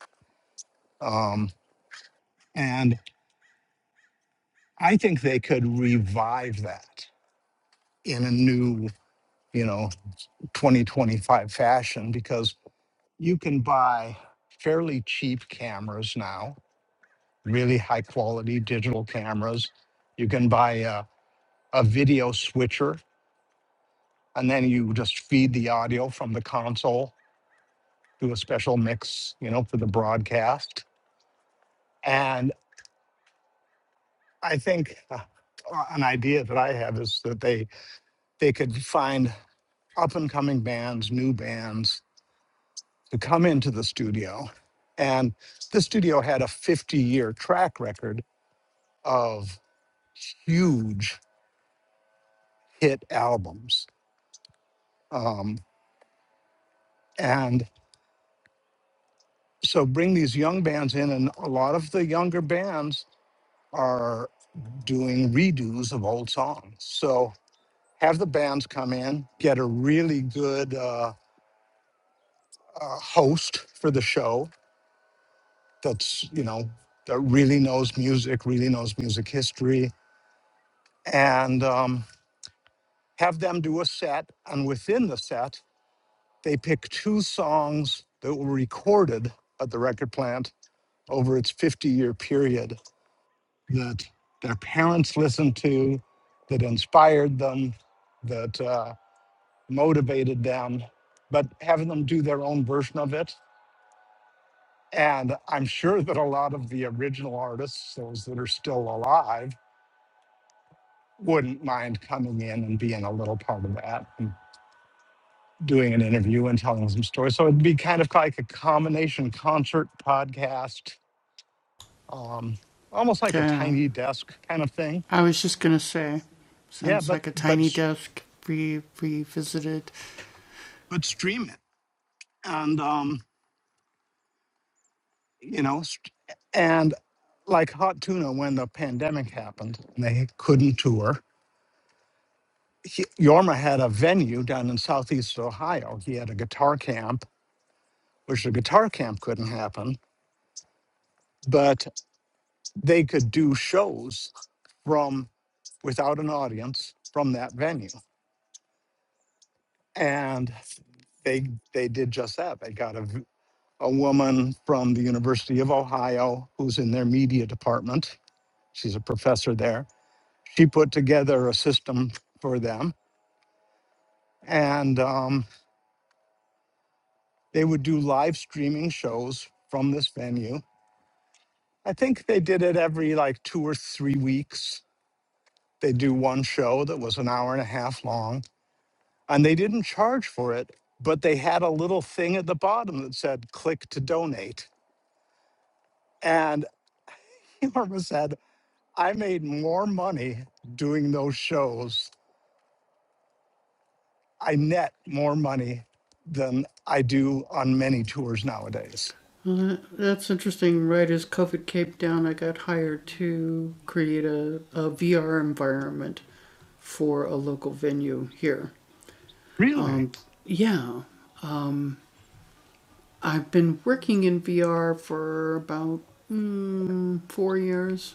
Um, and I think they could revive that in a new, you know, 2025 fashion because you can buy fairly cheap cameras now really high quality digital cameras. You can buy a, a video switcher and then you just feed the audio from the console, do a special mix, you know, for the broadcast. And I think uh, uh, an idea that I have is that they they could find up and coming bands, new bands to come into the studio. And the studio had a 50 year track record of huge hit albums. Um, and so bring these young bands in and a lot of the younger bands are doing redos of old songs so have the bands come in get a really good uh, uh, host for the show that's you know that really knows music really knows music history and um, have them do a set and within the set they pick two songs that were recorded at the record plant over its 50 year period that their parents listened to, that inspired them, that uh, motivated them, but having them do their own version of it. And I'm sure that a lot of the original artists, those that are still alive, wouldn't mind coming in and being a little part of that and doing an interview and telling some stories. So it'd be kind of like a combination concert, podcast, um, almost like a
Yeah.
tiny desk kind of thing.
I was just gonna say,
Yeah,
sounds
but
like a
but
tiny
s-
desk re- revisited.
but stream it and um, you know, st- and like Hot Tuna when the pandemic happened, and they couldn't tour. He, Yorma had a venue down in Southeast Ohio. He had a guitar camp, which the guitar camp couldn't happen, but they could do shows from without an audience from that venue, and they they did just that. They got a v- a woman from the University of Ohio who's in their media department. She's a professor there she put together a system for them and um, they would do live streaming shows from this venue i think they did it every like two or three weeks they do one show that was an hour and a half long and they didn't charge for it but they had a little thing at the bottom that said click to donate and Norma said i made more money doing those shows i net more money than i do on many tours nowadays
Uh, that's interesting. Right as COVID came down, I got hired to create a, a VR environment for a local venue here.
Really?
Um, yeah, um, I've been working in VR for about mm, four years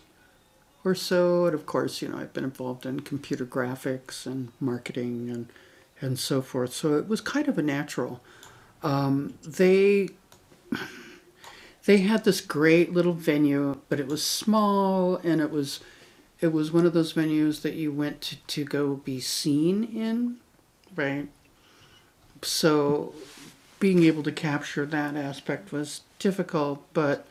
or so, and of course, you know, I've been involved in computer graphics and marketing and and so forth. So it was kind of a natural. They they had this great little venue, but it was small and it was it was one of those venues that you went to, to go be seen in, right? So being able to capture that aspect was difficult, but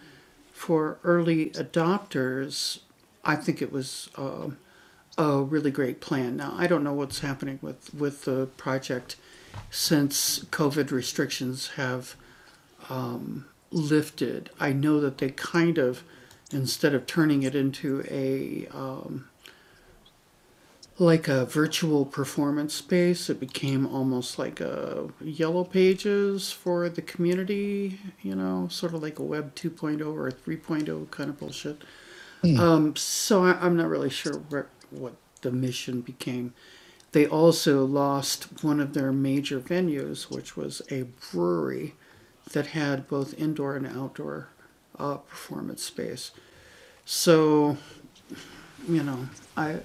for early adopters, I think it was uh, a really great plan. Now I don't know what's happening with with the project since COVID restrictions have lifted. I know that they kind of, instead of turning it into a um, like a virtual performance space, it became almost like a yellow pages for the community. You know, sort of like a Web 2.0 or 3.0 kind of bullshit.
Hmm.
So I, I'm not really sure where, what the mission became. They also lost one of their major venues, which was a brewery that had both indoor and outdoor uh, performance space. So, you know, I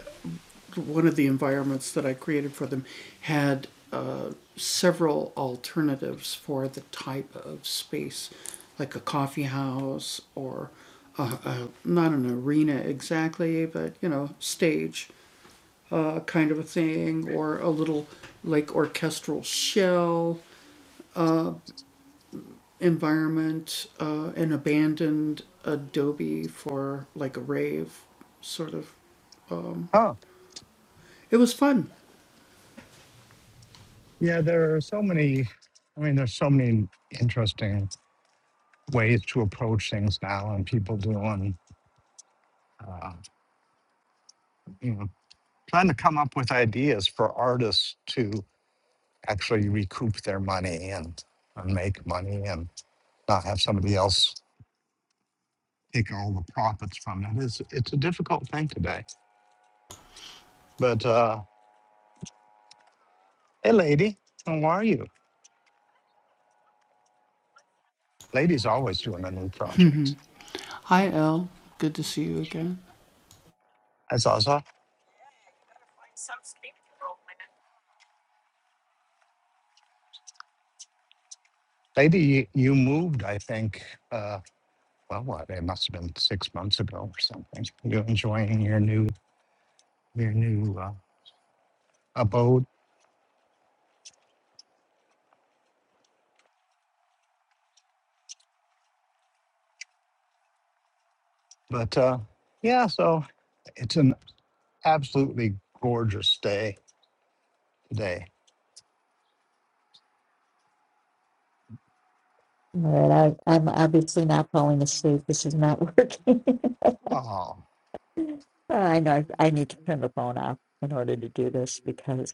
one of the environments that I created for them had uh, several alternatives for the type of space, like a coffee house or a, a, not an arena exactly, but you know, stage uh, kind of a thing, or a little like orchestral shell environment, uh, an abandoned adobe for like a rave sort of. Um,
Oh,
it was fun.
yeah. There are so many. I mean, there's so many interesting ways to approach things now, and people doing, uh, you know, trying to come up with ideas for artists to actually recoup their money and, and make money, and not have somebody else take all the profits from it. It's it's a difficult thing today. But uh, hey, lady, how are you? Lady's always doing a new project.
Hi, Elle. Good to see you again.
I saw, saw- lady, you you moved, I think. Uh, well, what, it must have been six months ago or something. You're enjoying your new your new uh, abode, but uh, yeah, so it's an absolutely gorgeous day today.
All right, I, I'm obviously not falling asleep. This is not working.
Oh,
Well, I know I need to turn the phone off in order to do this because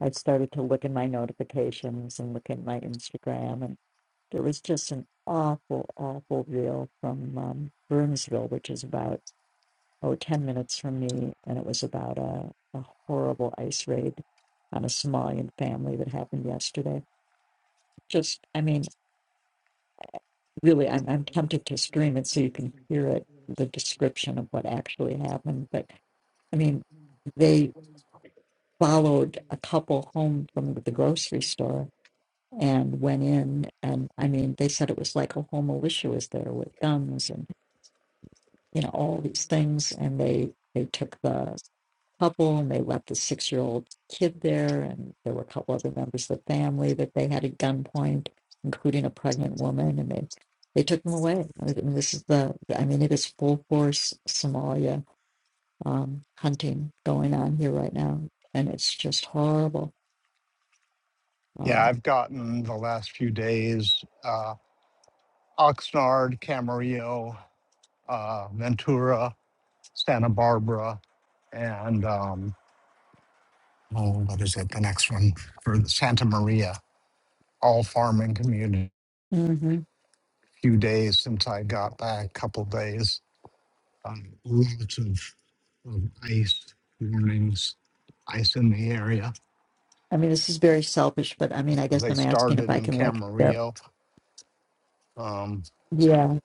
I started to look in my notifications and look at my Instagram, and there was just an awful, awful reel from um, Burnsville, which is about oh 10 minutes from me, and it was about a, a horrible ice raid on a Somalian family that happened yesterday. Just, I mean, really, I'm, I'm tempted to stream it so you can hear it, the description of what actually happened, but I mean, they followed a couple home from the grocery store and went in and i mean they said it was like a whole militia was there with guns and you know all these things and they they took the couple and they left the six year old kid there and there were a couple other members of the family that they had at gunpoint including a pregnant woman and they they took them away i mean this is the i mean it is full force somalia um, hunting going on here right now and it's just horrible Um,
yeah, I've gotten the last few days uh, Oxnard, Camarillo, uh, Ventura, Santa Barbara, and um, oh, what is it? The next one for Santa Maria, all farming communities.
hmm
few days since I got back, couple days. Um, lots of, of ice warnings, ice in the area.
I mean, this is very selfish, but I mean, I guess
They
I'm asking if
started
I
in
can like share.
Camarillo. Um,
Yeah.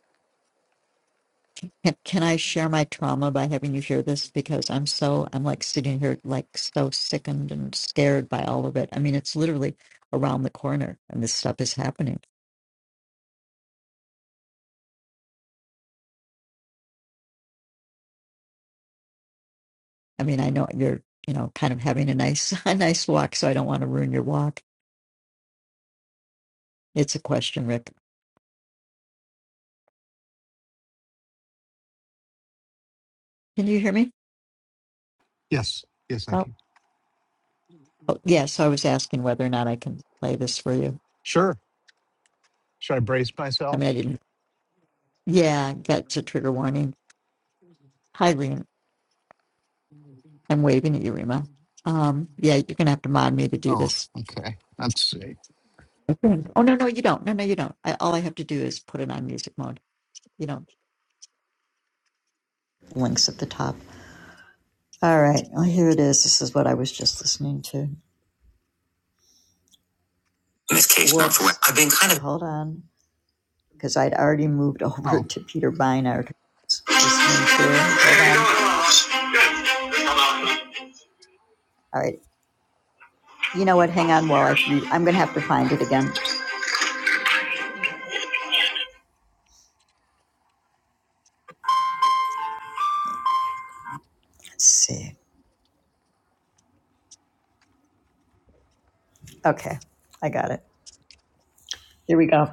Can, can I share my trauma by having you share this? Because I'm so, I'm like sitting here like so sickened and scared by all of it. I mean, it's literally around the corner and this stuff is happening. I mean, I know you're, you know, kind of having a nice, a nice walk, so I don't want to ruin your walk. It's a question, Rick. Can you hear me?
yes, yes, I
Oh,
can.
oh yeah. So I was asking whether or not I can play this for you.
Sure. Should I brace
I
myself?
mean, I didn't. Yeah, that's a trigger warning. Hi, Reen. I'm waving at you, Rima. Um, yeah, you're gonna have to mod me to do
Oh,
this.
okay. Let's see.
Okay. Oh no, no, you don't. No, no, you don't. I, all I have to do is put it on music mode. You know, links at the top. All right. Well, here it is. This is what I was just listening to. In this case, Whoops. not for Whoops. I've been kind of hold on because I'd already moved over
Oh,
to Peter Beinart. Listening to. Hold on. All right. You know what? Hang on while I. read. I'm gonna have to find it again. Let's see. Okay, I got it. Here we go.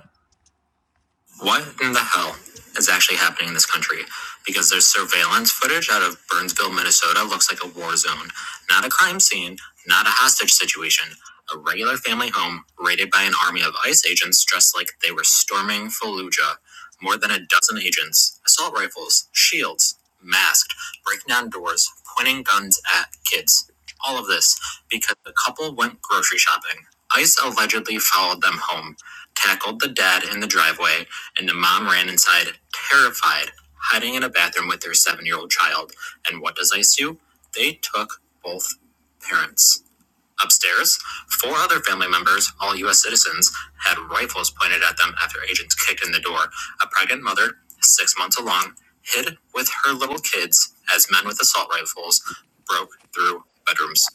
What in the hell is actually happening in this country? Because there's surveillance footage out of Burnsville, Minnesota, looks like a war zone. Not a crime scene, not a hostage situation. A regular family home raided by an army of ICE agents dressed like they were storming Fallujah. More than a dozen agents, assault rifles, shields, masked, breaking down doors, pointing guns at kids. All of this because the couple went grocery shopping. ICE allegedly followed them home, tackled the dad in the driveway, and the mom ran inside, terrified, hiding in a bathroom with their seven year old child. And what does ICE do? They took both parents. Upstairs, four other family members, all U.S. citizens, had rifles pointed at them after agents kicked in the door. A pregnant mother, six months along, hid with her little kids as men with assault rifles broke through bedrooms.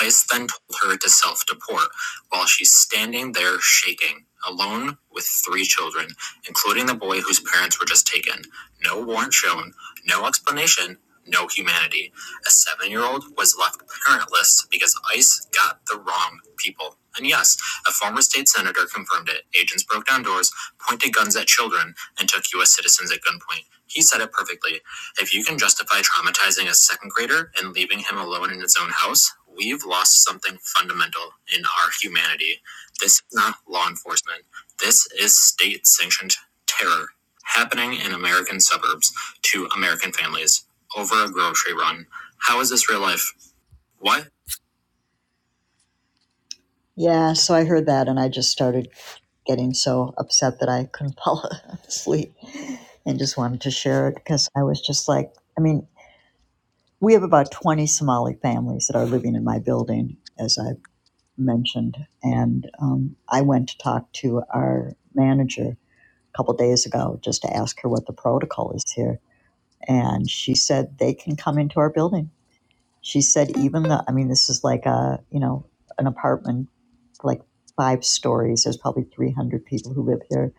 Ice then told her to self deport while she's standing there shaking, alone with three children, including the boy whose parents were just taken. No warrant shown, no explanation, no humanity. A seven year old was left parentless because ICE got the wrong people. And yes, a former state senator confirmed it. Agents broke down doors, pointed guns at children, and took U.S. citizens at gunpoint. He said it perfectly. If you can justify traumatizing a second grader and leaving him alone in his own house, we've lost something fundamental in our humanity. This is not law enforcement. This is state sanctioned terror happening in American suburbs to American families over a grocery run. How is this real life? What? Yeah, so I heard that and I just started getting so upset that I couldn't fall asleep and just wanted to share it because I was just like, I mean, we have about 20 Somali families that are living in my building, as I mentioned. And um, I went to talk to our manager a couple days ago just to ask her what the protocol is here. And she said they can come into our building. She said, even the, I mean, this is like a, you know, an apartment, like five stories. There's probably 300 people who live here,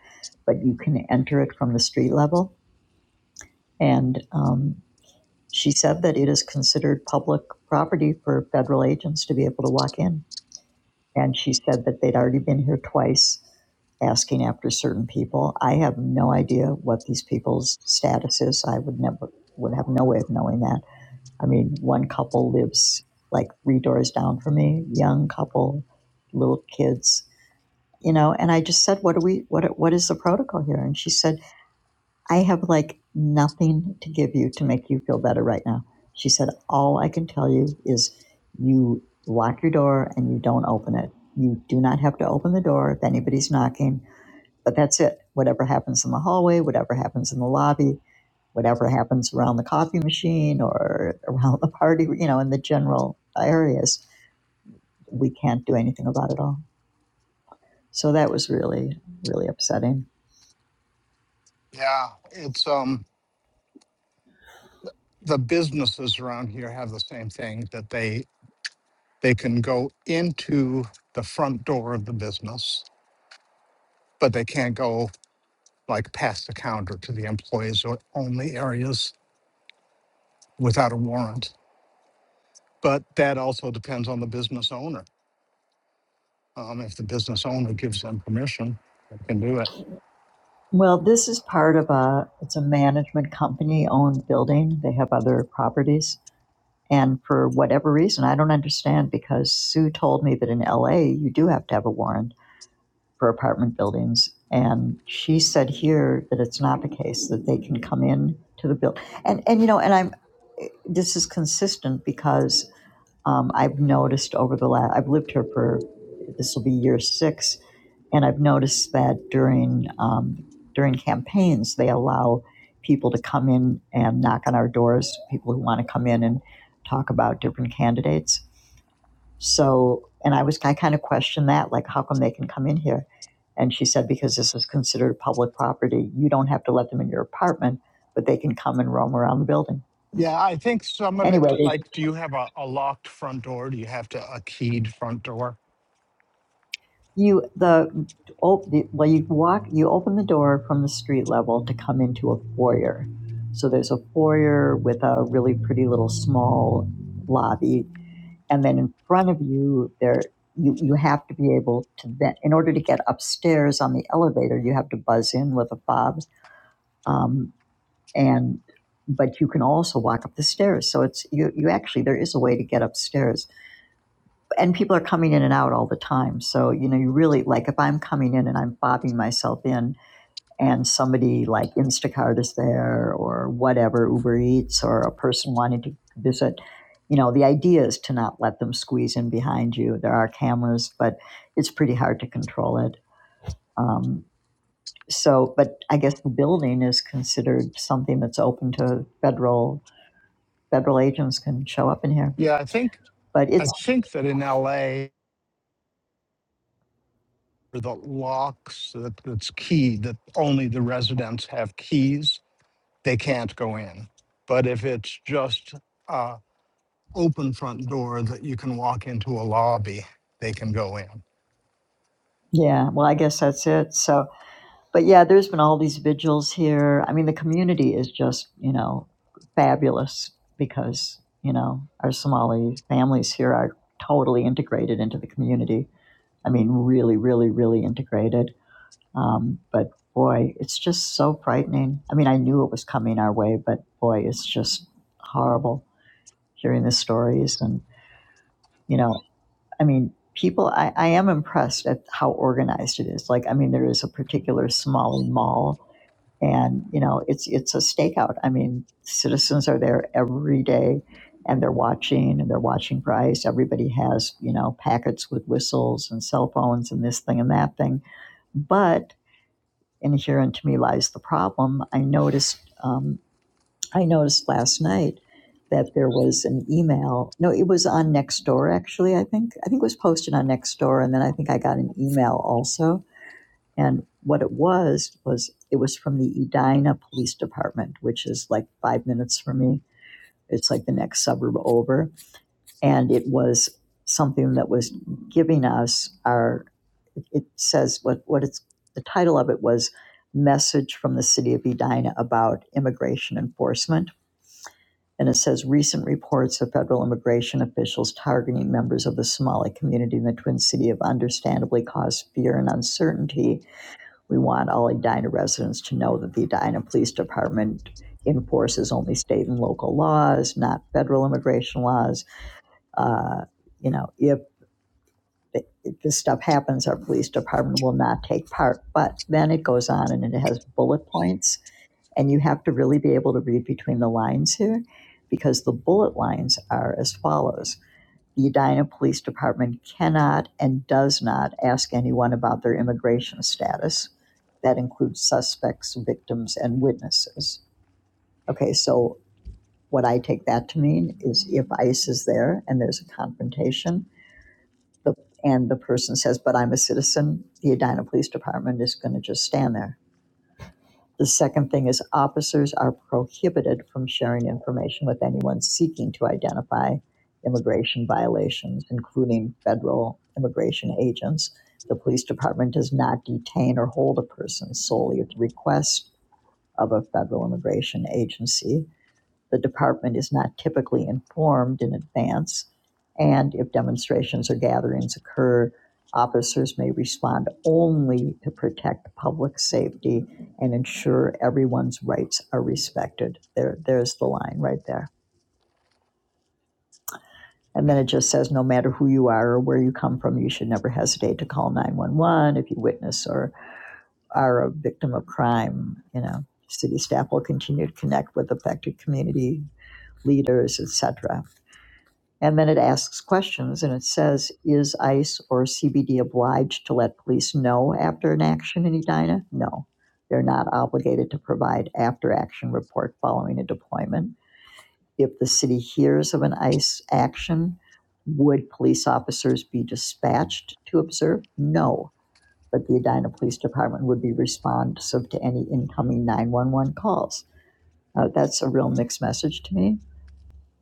but you can enter it from the street level. And um, She said that it is considered public property for federal agents to be able to walk in. And she said that they'd already been here twice asking after certain people. I have no idea what these people's status is. I would never would have no way of knowing that. I mean, one couple lives like three doors down from me, young couple, little kids, you know, and I just said, "What do we what what is the protocol here?" And she said. I have like nothing to give you to make you feel better right now. She said, All I can tell you is you lock your door and you don't open it. You do not have to open the door if anybody's knocking, but that's it. Whatever happens in the hallway, whatever happens in the lobby, whatever happens around the coffee machine or around the party, you know, in the general areas, we can't do anything about it all. So that was really, really upsetting.
yeah. It's um the businesses around here have the same thing that they they can go into the front door of the business, but they can't go like pass the counter to the employees or only areas without a warrant. But that also depends on the business owner. Um, if the business owner gives them permission, they can do it.
Well, this is part of a it's a management company owned building. They have other properties. And for whatever reason, I don't understand because Sue told me that in LA you do have to have a warrant for apartment buildings. And she said here that it's not the case that they can come in to the building. and, and you know, and I'm this is consistent because um, I've noticed over the last, I've lived here for, this will be year six, and I've noticed that during um, during campaigns, they allow people to come in and knock on our doors. People who want to come in and talk about different candidates. So, and I was I kind of questioned that, like, how come they can come in here? And she said because this is considered public property, you don't have to let them in your apartment, but they can come and roam around the building.
Yeah, I think some of
Anyway,
it,
they,
like, do you have a, a locked front door? Do you have to a keyed front door?
You the oh the, well you walk you open the door from the street level to come into a foyer. So there's a foyer with a really pretty little small lobby, and then in front of you there you you have to be able to then in order to get upstairs on the elevator you have to buzz in with a fob, um, and but you can also walk up the stairs. So it's you you actually there is a way to get upstairs and people are coming in and out all the time. So, you know, you really like if I'm coming in and I'm bobbing myself in and somebody like Instacart is there or whatever, Uber Eats or a person wanting to visit, you know, the idea is to not let them squeeze in behind you. There are cameras, but it's pretty hard to control it. Um, so, but I guess the building is considered something that's open to federal federal agents can show up in here.
Yeah, I think
But
I
it's
think that in LA, the locks that that's keyed, that only the residents have keys, they can't go in. But if it's just uh, open front door that you can walk into a lobby, they can go in.
yeah, well, I guess that's it. So but yeah, there's been all these vigils here. I mean, the community is just, you know, fabulous because, you know, our Somali families here are totally integrated into the community. I mean, really, really, really integrated. Um, but boy, it's just so frightening. I mean, I knew it was coming our way, but boy, it's just horrible hearing the stories. And, you know, I mean, people, I, I am impressed at how organized it is. Like, I mean, there is a particular Somali mall and you know it's it's a stakeout i mean citizens are there every day and they're watching and they're watching for ice everybody has you know packets with whistles and cell phones and this thing and that thing but inherent to me lies the problem i noticed um, i noticed last night that there was an email no it was on nextdoor actually i think i think it was posted on nextdoor and then i think i got an email also and what it was, was it was from the Edina Police Department, which is like five minutes from me. It's like the next suburb over. And it was something that was giving us our, it, it says what, what it's, the title of it was Message from the City of Edina about Immigration Enforcement. And it says recent reports of federal immigration officials targeting members of the Somali community in the Twin City have understandably caused fear and uncertainty we want all Edina residents to know that the Edina Police Department enforces only state and local laws, not federal immigration laws. Uh, you know, if this stuff happens, our police department will not take part. But then it goes on and it has bullet points, and you have to really be able to read between the lines here because the bullet lines are as follows the Edina Police Department cannot and does not ask anyone about their immigration status. That includes suspects, victims, and witnesses. Okay, so what I take that to mean is if ICE is there and there's a confrontation, the, and the person says, but I'm a citizen, the Edina Police Department is going to just stand there the second thing is officers are prohibited from sharing information with anyone seeking to identify immigration violations, including federal immigration agents. The police department does not detain or hold a person solely at the request of a federal immigration agency the department is not typically informed in advance. And if demonstrations or gatherings occur, officers may respond only to protect public safety and ensure everyone's rights are respected. There, there's the line right there. And then it just says no matter who you are or where you come from, you should never hesitate to call 911 if you witness or are a victim of crime. You know, city staff will continue to connect with affected community leaders, etc. And then it asks questions and it says, is ICE or CBD obliged to let police know after an action in Edina? No, they're not obligated to provide after action report following a deployment. If the city hears of an ICE action, would police officers be dispatched to observe? No, but the Edina Police Department would be responsive to any incoming 911 calls. Uh, that's a real mixed message to me.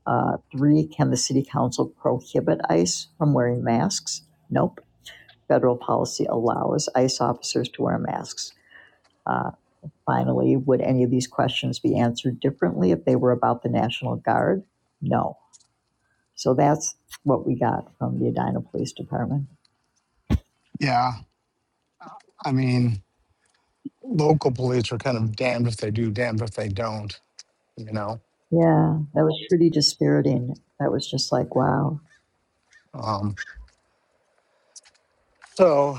Uh, Three, can the city council prohibit ICE from wearing masks? Nope. Federal policy allows ICE officers to wear masks. Uh, Finally, would any of these questions be answered differently if they were about the National Guard? No. So that's what we got from the Edina Police Department.
Yeah, I mean, local police are kind of damned if they do, damned if they don't, you know?
Yeah, that was pretty dispiriting. That was just like, wow.
Um, so,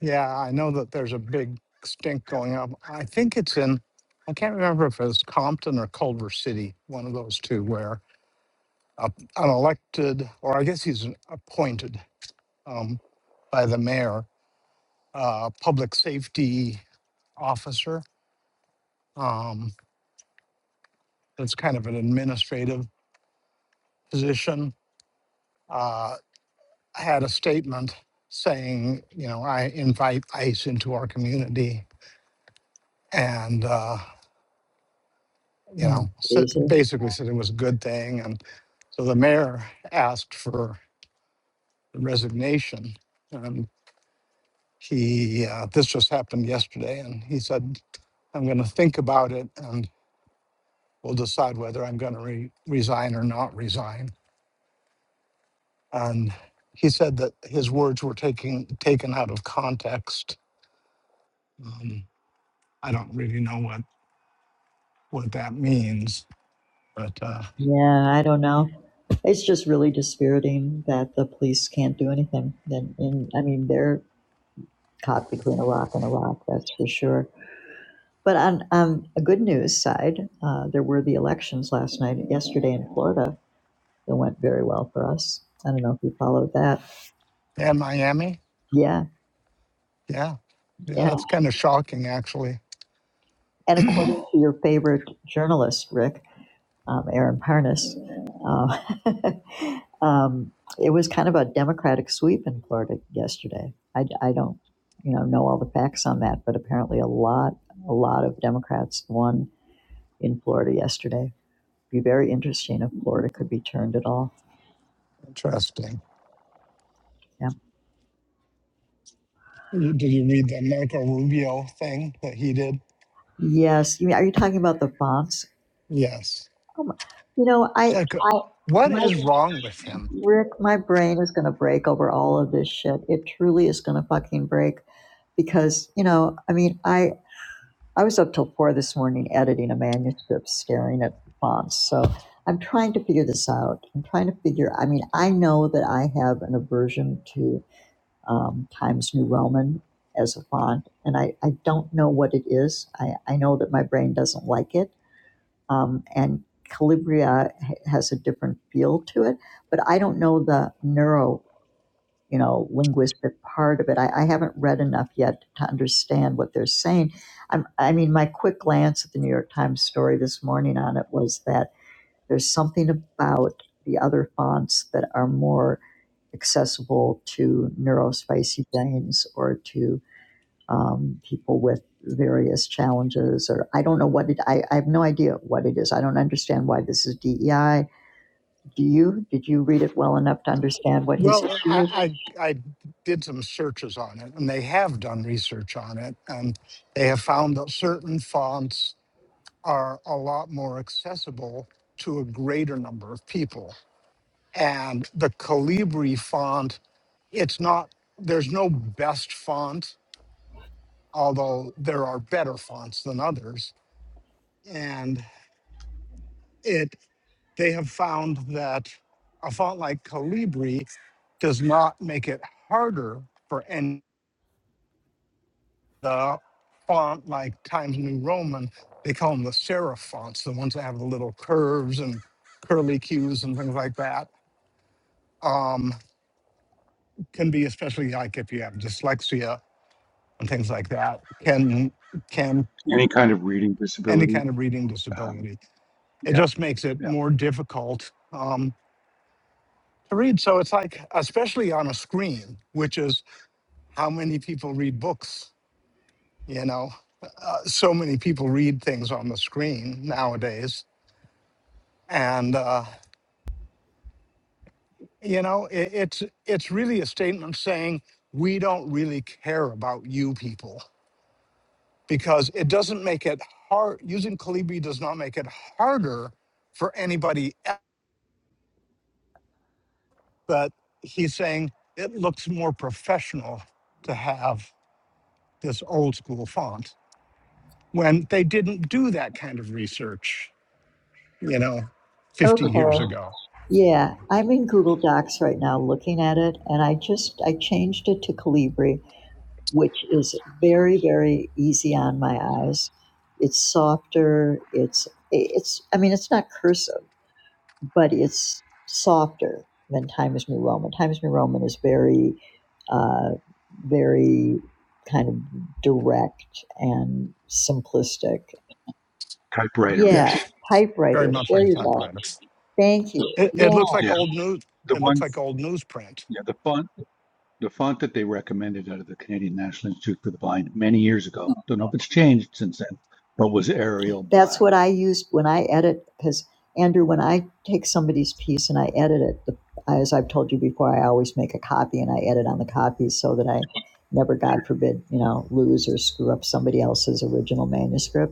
yeah, I know that there's a big stink going up. I think it's in, I can't remember if it's Compton or Culver City, one of those two, where a, an elected, or I guess he's an appointed um, by the mayor, uh, public safety officer. Um, It's kind of an administrative position. Uh, had a statement saying, you know, I invite ICE into our community, and uh, you
Oh,
know, said,
Jesus.
basically said it was a good thing. And so the mayor asked for the resignation, and he uh, this just happened yesterday, and he said, I'm going to think about it, and we'll decide whether I'm going to re- resign or not resign. And he said that his words were taking taken out of context Um, I don't really know what, what that means, but uh,
Yeah, I don't know. It's just really dispiriting that the police can't do anything. And, and I mean, they're caught between a rock and a rock, that's for sure. But on, on a good news side, uh, there were the elections last night, yesterday in Florida. That went very well for us. I don't know if you followed that.
yeah, Miami.
Yeah,
Yeah. Yeah,
yeah.
that's kind of shocking, actually.
And according to your favorite journalist, Rick, um, Aaron Parnas, uh, um, it was kind of a Democratic sweep in Florida yesterday. I, I don't, you know, know all the facts on that, but apparently a lot, a lot of Democrats won in Florida yesterday. be very interesting if Florida could be turned at all.
Interesting.
Yeah.
You, did you read the Marco Rubio thing that he did?
Yes. You mean, are you talking about the fonts?
Yes.
Oh you know,
It's
I,
like, uh,
I,
what
my,
is wrong with him?
Rick, my brain is going to break over all of this shit. It truly is going to fucking break because, you know, I mean, I, I was up till four this morning editing a manuscript, staring at fonts. So I'm trying to figure this out. I'm trying to figure, I mean, I know that I have an aversion to um, Times New Roman as a font, and I, I don't know what it is. I, I know that my brain doesn't like it, um, and Calibria has a different feel to it, but I don't know the neuro, you know, linguistic part of it. I, I haven't read enough yet to understand what they're saying. I'm, I mean, my quick glance at the New York Times story this morning on it was that there's something about the other fonts that are more accessible to neurospicy brains or to um, people with various challenges or i don't know what it I, I have no idea what it is i don't understand why this is dei do you did you read it well enough to understand what his
Well, uh,
issue is
I, I, I did some searches on it, and they have done research on it, and they have found that certain fonts are a lot more accessible to a greater number of people. and the Calibri font, it's not, there's no best font, although there are better fonts than others. And it, they have found that a font like Calibri does not make it harder for any the font like Times New Roman. They call them the serif fonts, the ones that have the little curves and curly cues and things like that. Um, can be especially like if you have dyslexia and things like that can can
Any kind of reading
any
disability,
kind of reading
um,
disability. It
yeah,
just makes it
yeah,
more difficult um, to read. So it's like, especially on a screen, which is how many people read books. You know, uh, so many people read things on the screen nowadays, and uh, you know, it, it's it's really a statement saying we don't really care about you people because it doesn't make it hard. Using Calibri does not make it harder for anybody but he's saying it looks more professional to have this old school font when they didn't do that kind of research, you know, 50
okay
years ago.
yeah i'm in google docs right now looking at it and i just i changed it to calibri which is very very easy on my eyes it's softer it's it's i mean it's not cursive but it's softer than Times New Roman. Times New Roman is very, uh, very kind of direct and simplistic.
typewriter
Yeah,
ish.
Yes, very
typewriters.
much
There
like a
you go.
typewriter.
Thank you.
It, it looks
Yeah,
like
Yeah,
old news.
the
It looks like
ones.
old newsprint.
yeah, the font. the font that they recommended out of the Canadian National Institute for the Blind many years ago. Don't know if it's changed since then, but was Arial
that's
Black.
what I used when I edit. Because Andrew, when I take somebody's piece and I edit it, the, as I've told you before, I always make a copy and I edit on the copy so that I never,
Sure.
God forbid, you know, lose or screw up somebody else's original manuscript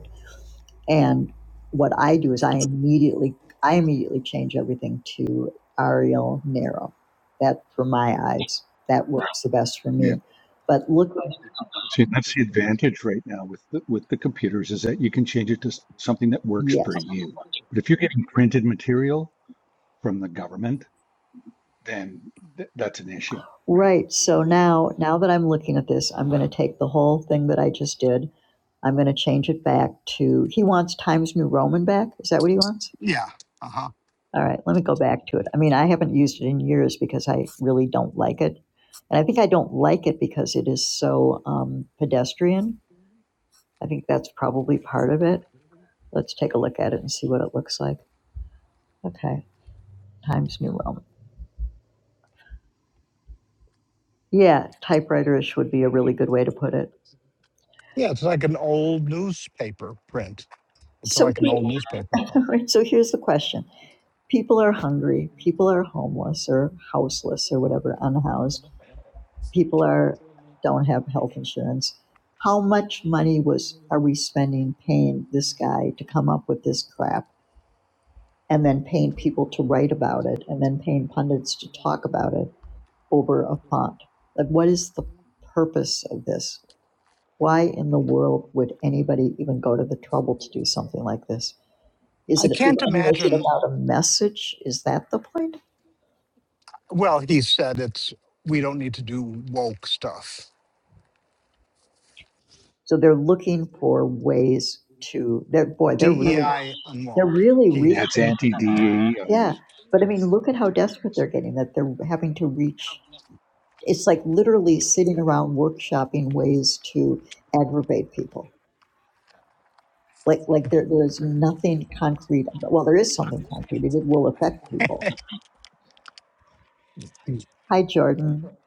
And what I do is I immediately I immediately change everything to Arial Narrow. That for my eyes, that
Right.
works the best for
Yeah.
me. But look,
See, that's the advantage right now with the, with the computers is that you can change it to s- something that works
yes,
for you. But if you're getting printed material from the government, then th- that's an issue, right?
right. So now, now that I'm looking at this, I'm going to take the whole thing that I just did. I'm going to change it back to. He wants Times New Roman back. Is that what he wants?
Yeah. Uh huh.
All right, let me go back to it. I mean, I haven't used it in years because I really don't like it, and I think I don't like it because it is so um, pedestrian I think that's probably part of it. Let's take a look at it and see what it looks like. Okay, Times New Roman. Yeah, typewriterish would be a really good way to put it.
Yeah, it's like an old newspaper print. It's
So,
like an
he-
old newspaper font.
so here's the question: People are hungry. People are homeless or houseless or whatever, unhoused. People are don't have health insurance. How much money was are we spending paying this guy to come up with this crap, and then paying people to write about it, and then paying pundits to talk about it? over a font? Like, what is the purpose of this? Why in the world would anybody even go to the trouble to do something like this? Is
I
it,
can't
I mean, is it
imagine.
about a message? Is that the point?
Well, he said it's we don't need to do woke stuff.
So they're looking for ways to, they're, boy, they're really,
DEI and
they're
woke.
really
Yeah, it's
reaching. Yeah.
anti-DEI.
But I mean, look at how
That's what it
desperate
is.
they're getting that they're having to reach. It's like literally sitting around workshopping ways to aggravate people Like, like there, there's nothing concrete. Well, there is something concrete. It will affect people. Hi, Jordan.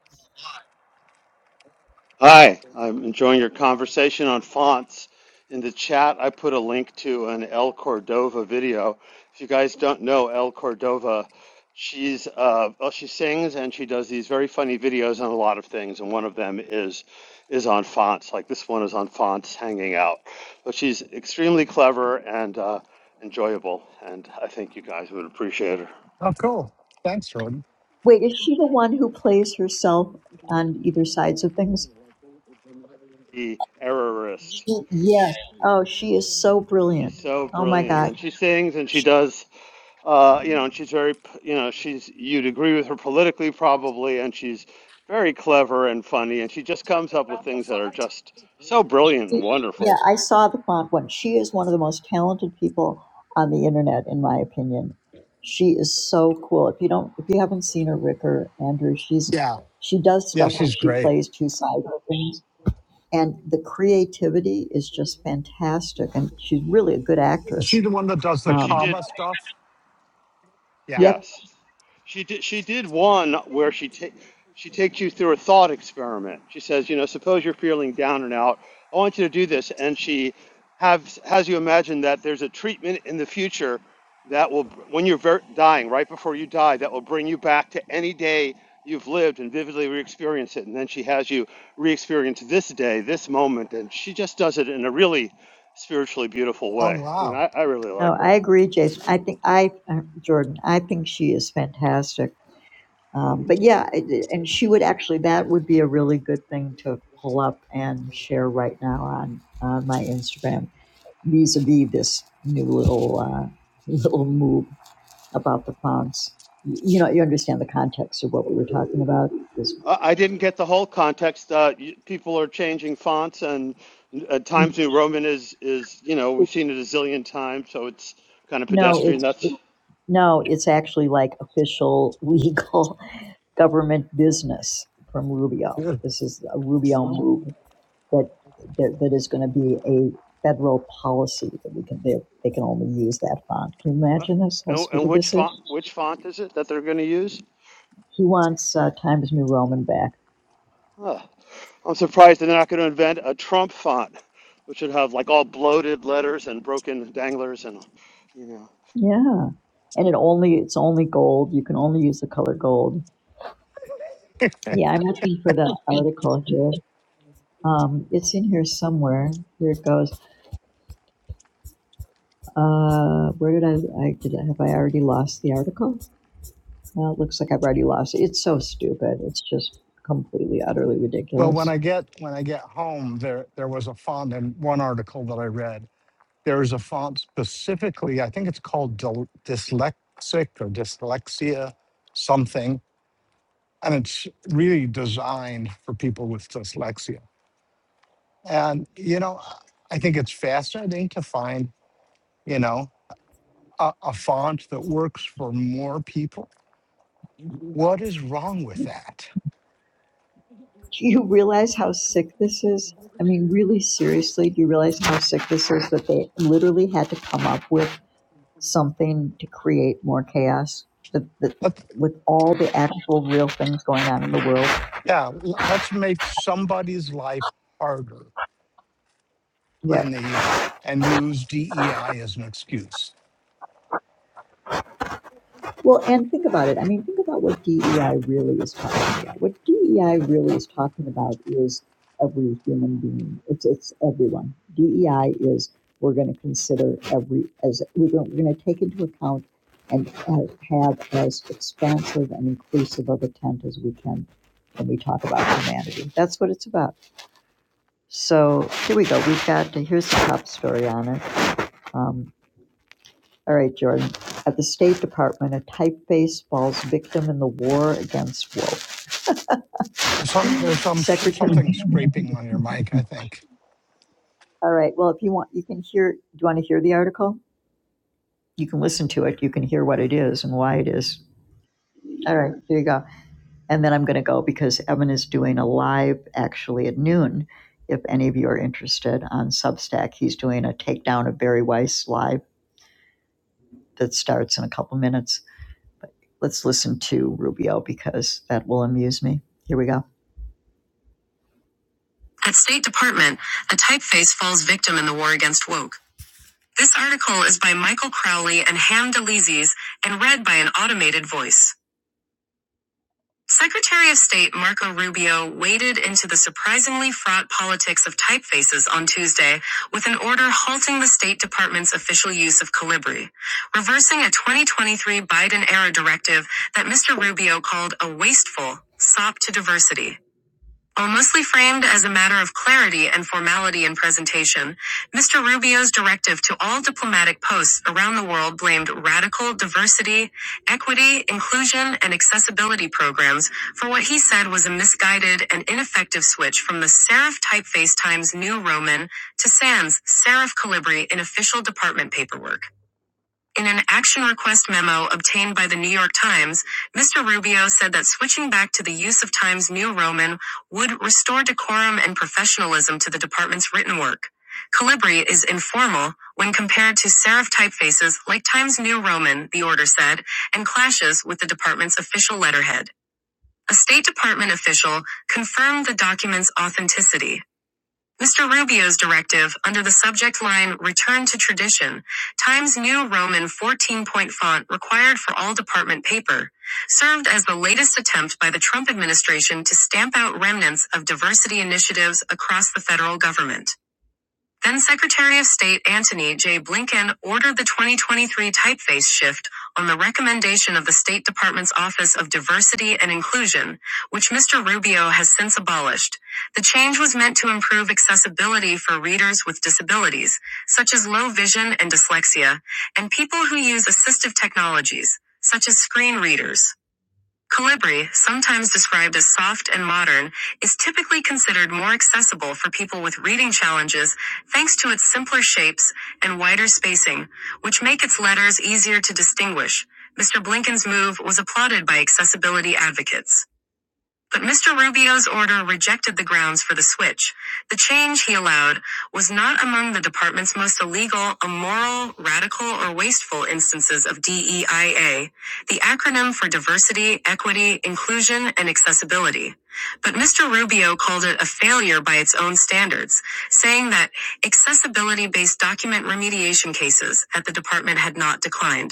Hi, I'm enjoying your conversation on fonts. In the chat, I put a link to an El Cordova video. If you guys don't know El Cordova, she's uh, well, she sings and she does these very funny videos on a lot of things, and one of them is is on fonts. Like this one is on fonts hanging out, but she's extremely clever and uh, enjoyable, and I think you guys would appreciate her.
Oh, cool. Thanks, Jordan.
Wait, is she the one who plays herself on either sides of things?
The errorist.
She, yes. Oh, she is so
She's
brilliant.
so
Oh my
brilliant,
God.
and she sings and she does. Uh, you know, and she's very, you know, she's, you'd agree with her politically probably, and she's very clever and funny, and she just comes up with things that are just so brilliant and
She- Yeah,
wonderful.
I saw the font one. She is one of the most talented people on the internet, in my opinion. She is so cool. If you don't, if you haven't seen her, Rick or Andrew, she's
Yeah.
she does
Yeah,
stuff where
she's
she
great.
plays two sides of things and the creativity is just fantastic. And she's really a good
Is she
actress.
the one that does
You
the
know, she
Um,
comma
did.
stuff? Yeah.
yep,
Yes, she did. She did one where she take she takes you through a thought experiment. She says, you know, suppose you're feeling down and out. I want you to do this, and she have has you imagine that there's a treatment in the future that will, when you're ver- dying, right before you die, that will bring you back to any day you've lived and vividly re-experience it. And then she has you re-experience this day, this moment, and she just does it in a really spiritually beautiful
Oh
way. I mean,
wow.
I, I really like
no, I
her.
agree, Jason. I think I, uh, Jordan, I think she is fantastic. Um, but yeah, it- and she would actually that would be a really good thing to pull up and share right now on on my Instagram vis-a-vis this new little uh, little move about the fonts. You know, you understand the context of what we were talking about. This,
Uh, I didn't get the whole context. Uh, people are changing fonts, and uh, Times New Roman is is you know we've seen it a zillion times, so it's kind of
no,
pedestrian.
it's
That's
No, it's actually like official legal government business from Rubio. This is a Rubio move that that, that is going to be a federal policy that we can they, they can only use that font. Can you
uh,
imagine this? How
and, and
stupid
which
this is.
font which font is it that they're going to use?
He wants uh, Times New Roman back.
Huh. I'm surprised they're not going to invent a Trump font, which would have like all bloated letters and broken danglers and you know.
Yeah, and it only it's only gold. You can only use the color gold. Yeah, I'm looking for the article here. Um, it's in here somewhere. Here it goes. Uh, where did I, I did I, have I already lost the article? Well, it looks like I've already lost it. It's so stupid. It's just completely, utterly
Well, when
ridiculous.
I get when I get home, there there was a font in one article that I read. There is a font specifically. I think it's called dil- dyslexic or dyslexia something, and it's really designed for people with dyslexia. And you know, I think it's fascinating to find. You know. a, a font that works for more people. What is wrong with that?
Do you realize how sick this is? I mean, really seriously, do you realize how sick this is that they literally had to come up with something to create more chaos the, the,
Let,
with all the actual real things going on in the world.
yeah, l- let's make somebody's life harder
Right.
in the and use DEI as an excuse.
Well, and think about it. I mean, think about what DEI really is about. What DEI really is talking about is every human being. It's it's everyone. DEI is we're going to consider every as we're going, we're going to take into account and have, have as expansive and inclusive of a tent as we can when we talk about humanity. That's what it's about. So here we go. We've got, here's the top story on it. Um, all right, Jordan. At the State Department, a typeface falls victim in the war against woke.
Some there's some s-
Secretary.
something scraping on your mic, I think.
All right. Well, if you want, you can hear. Do you want to hear the article? You can listen to it. You can hear what it is and why it is. All right. There you go. And then I'm going to go because Evan is doing a live actually at noon. If any of you are interested on Substack, he's doing a takedown of Barry Weiss live that starts in a couple minutes. Let's listen to Rubio because that will amuse me. Here we go. At State Department, a typeface falls victim in the war against woke. This article is by Michael Crowley and Ham DeLizes and read by an automated voice. Secretary of State Marco Rubio waded into the surprisingly fraught politics of typefaces on Tuesday with an order halting the State Department's official use of Calibri, reversing a 2023 Biden era directive that Mr. Rubio called a wasteful sop to diversity. While mostly framed as a matter of clarity and formality in presentation, Mr. Rubio's directive to all diplomatic posts around the world blamed radical diversity, equity, inclusion, and accessibility programs for what he said was a misguided and ineffective switch from the serif typeface Times New Roman to Sans serif Calibri in official department paperwork. In an action request memo obtained by the New York Times, Mr. Rubio said that switching back to the use of Times New Roman would restore decorum and professionalism to the department's written work. Calibri is informal when compared to serif typefaces like Times New Roman, the order said, and clashes with the department's official letterhead. A State Department official confirmed the document's authenticity. Mr. Rubio's directive, under the subject line Return to Tradition, Times New Roman 14 point font required for all department paper, served as the latest attempt by the Trump administration to stamp out remnants of diversity initiatives across the federal government. Then Secretary of State Antony J. Blinken ordered the 2023 typeface shift on the recommendation of the State Department's Office of Diversity and Inclusion, which Mr. Rubio has since abolished. The change was meant to improve accessibility for readers with disabilities, such as low vision and dyslexia, and people who use assistive technologies, such as screen readers. Calibri, sometimes described as soft and modern, is typically considered more accessible for people with reading challenges thanks to its simpler shapes and wider spacing, which make its letters easier to distinguish. Mr. Blinken's move was applauded by accessibility advocates. But Mr. Rubio's order rejected the grounds for the switch. The change he allowed was not among the department's most illegal, immoral, radical, or wasteful instances of DEIA, the acronym for diversity, equity, inclusion, and accessibility. But Mr. Rubio called it a failure by its own standards, saying that accessibility based document remediation cases at the department had not declined.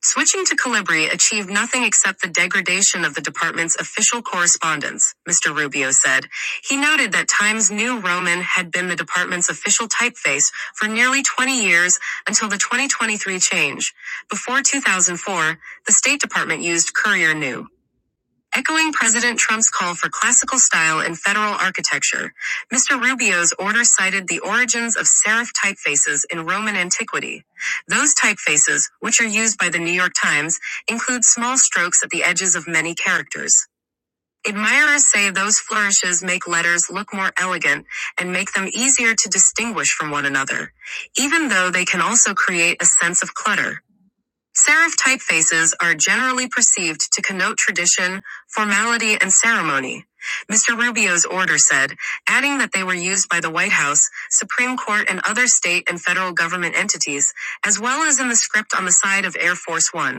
Switching to Calibri achieved nothing except the degradation of the department's official correspondence, Mr. Rubio said. He noted that Times New Roman had been the department's official typeface for nearly 20 years until the 2023 change. Before 2004, the State Department used Courier New. Echoing President Trump's call for classical style in federal architecture, Mr. Rubio's order cited the origins of serif typefaces in Roman antiquity. Those typefaces, which are used by the New York Times, include small strokes at the edges of many characters. Admirers say those flourishes make letters look more elegant and make them easier to distinguish from one another, even though they can also create a sense of clutter. Serif typefaces are generally perceived to connote tradition, formality, and ceremony. Mr. Rubio's order said, adding that they were used by the White House, Supreme Court, and other state and federal government entities, as well as in the script on the side of Air Force One.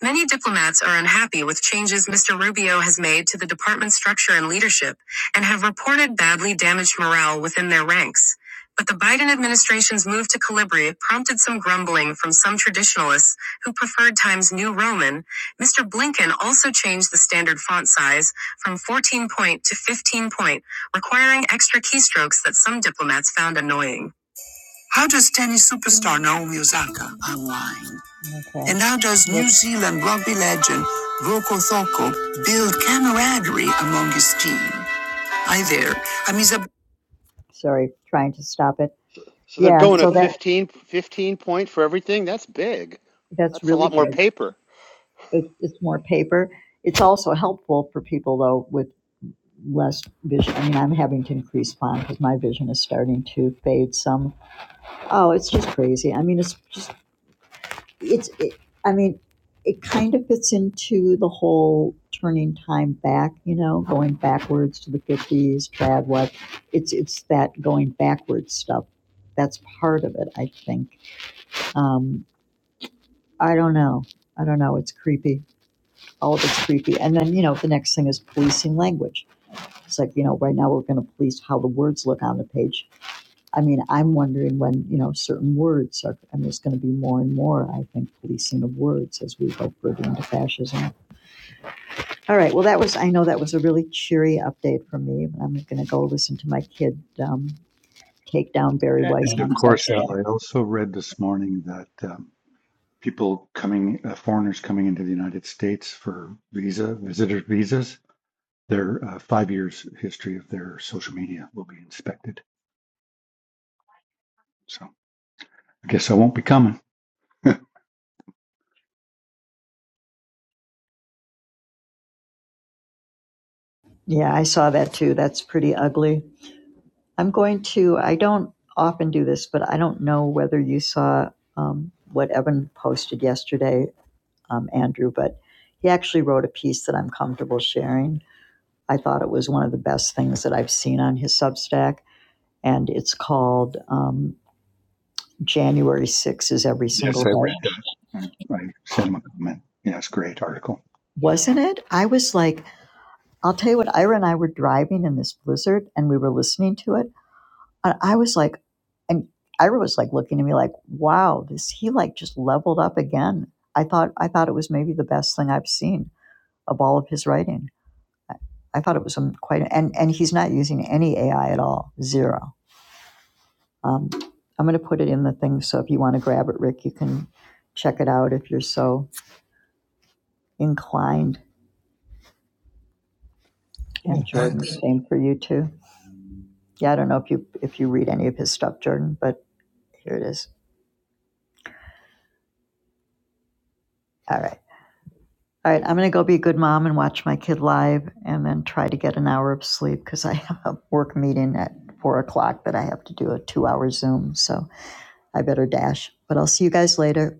Many diplomats are unhappy with changes Mr. Rubio has made to the department's structure and leadership and have reported badly damaged morale within their ranks. But the Biden administration's move to Calabria prompted some grumbling from some traditionalists who preferred Times New Roman. Mr. Blinken also changed the standard font size from 14 point to 15 point, requiring extra keystrokes that some diplomats found annoying. How does tennis superstar Naomi Osaka unwind? Okay. And how does New Zealand rugby legend Roko Thoko build camaraderie among his team? Hi there. I'm Isabel. Sorry, trying to stop it.
So, so they're
Yeah,
going to
so that
15, 15 point for everything. That's big.
that's
That's a
really
lot more
good.
paper.
It, it's more paper. It's also helpful for people though with less vision. I mean, I'm having to increase font because my vision is starting to fade some. Oh, it's just crazy. I mean, it's just it's it, i mean it kind of fits into the whole turning time back you know going backwards to the 50s trad what it's it's that going backwards stuff that's part of it i think um, i don't know i don't know it's creepy all of it's creepy and then you know the next thing is policing language it's like you know right now we're going to police how the words look on the page I mean, I'm wondering when, you know, certain words are, and there's going to be more and more, I think, policing of words as we go further into fascism. All right. Well, that was, I know that was a really cheery update from me. I'm going to go listen to my kid um, take down Barry
A-
Weiss
And
on
of course, Al,
Substack.
I also read this morning that. um, people coming, uh, foreigners coming into the United States for visa, visitor visas, their uh, five years history of their social media will be inspected. So I guess I won't be coming.
Yeah, I saw that too. That's pretty ugly. I'm going to, I don't often do this, but I don't know whether you saw um, what Evan posted yesterday, um, Andrew, but he actually wrote a piece that I'm comfortable sharing I thought it was one of the best things that I've seen on his Substack, and it's called um, January 6 is Every Single
yes, I
Day.
read that. I, I sent him a comment. Yes, great article.
Wasn't it? I was like, I'll tell you what, Ira and I were driving in this blizzard and we were listening to it. And I was like, and Ira was like looking at me like, wow, this, he like just leveled up again. I thought, I thought it was maybe the best thing I've seen of all of his writing. I thought it was um, quite, and, and he's not using any AI at all, zero. Um, I'm going to put it in the thing, so if you want to grab it, Rick, you can check it out if you're so inclined. And
Cool.
Jordan, same for you too. Yeah, I don't know if you if you read any of his stuff, Jordan, but here it is. All right, all right. I'm going to go be a good mom and watch my kid live, and then try to get an hour of sleep because I have a work meeting at four o'clock that I have to do a two-hour Zoom. So I better dash. But I'll see you guys later.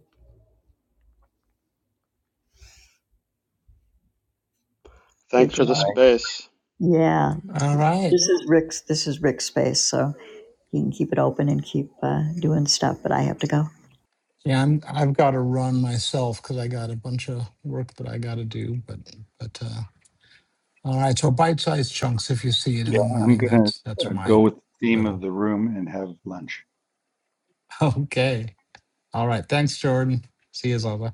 Big
Thanks for the
love.
I,
space.
Yeah. This is Rick's. This is Rick's space. So. You can keep it open and keep uh, doing stuff, but I have to go.
Yeah, I'm, I've got to run myself because I got a bunch of work that I got to do. But but uh, all right, so bite-sized chunks. If you see it in
yeah,
the
I'm
morning,
gonna
that's
uh,
that's my
go with the theme of
little.
the room and have lunch.
Okay. All right. Thanks, Jordan. See you, Zola.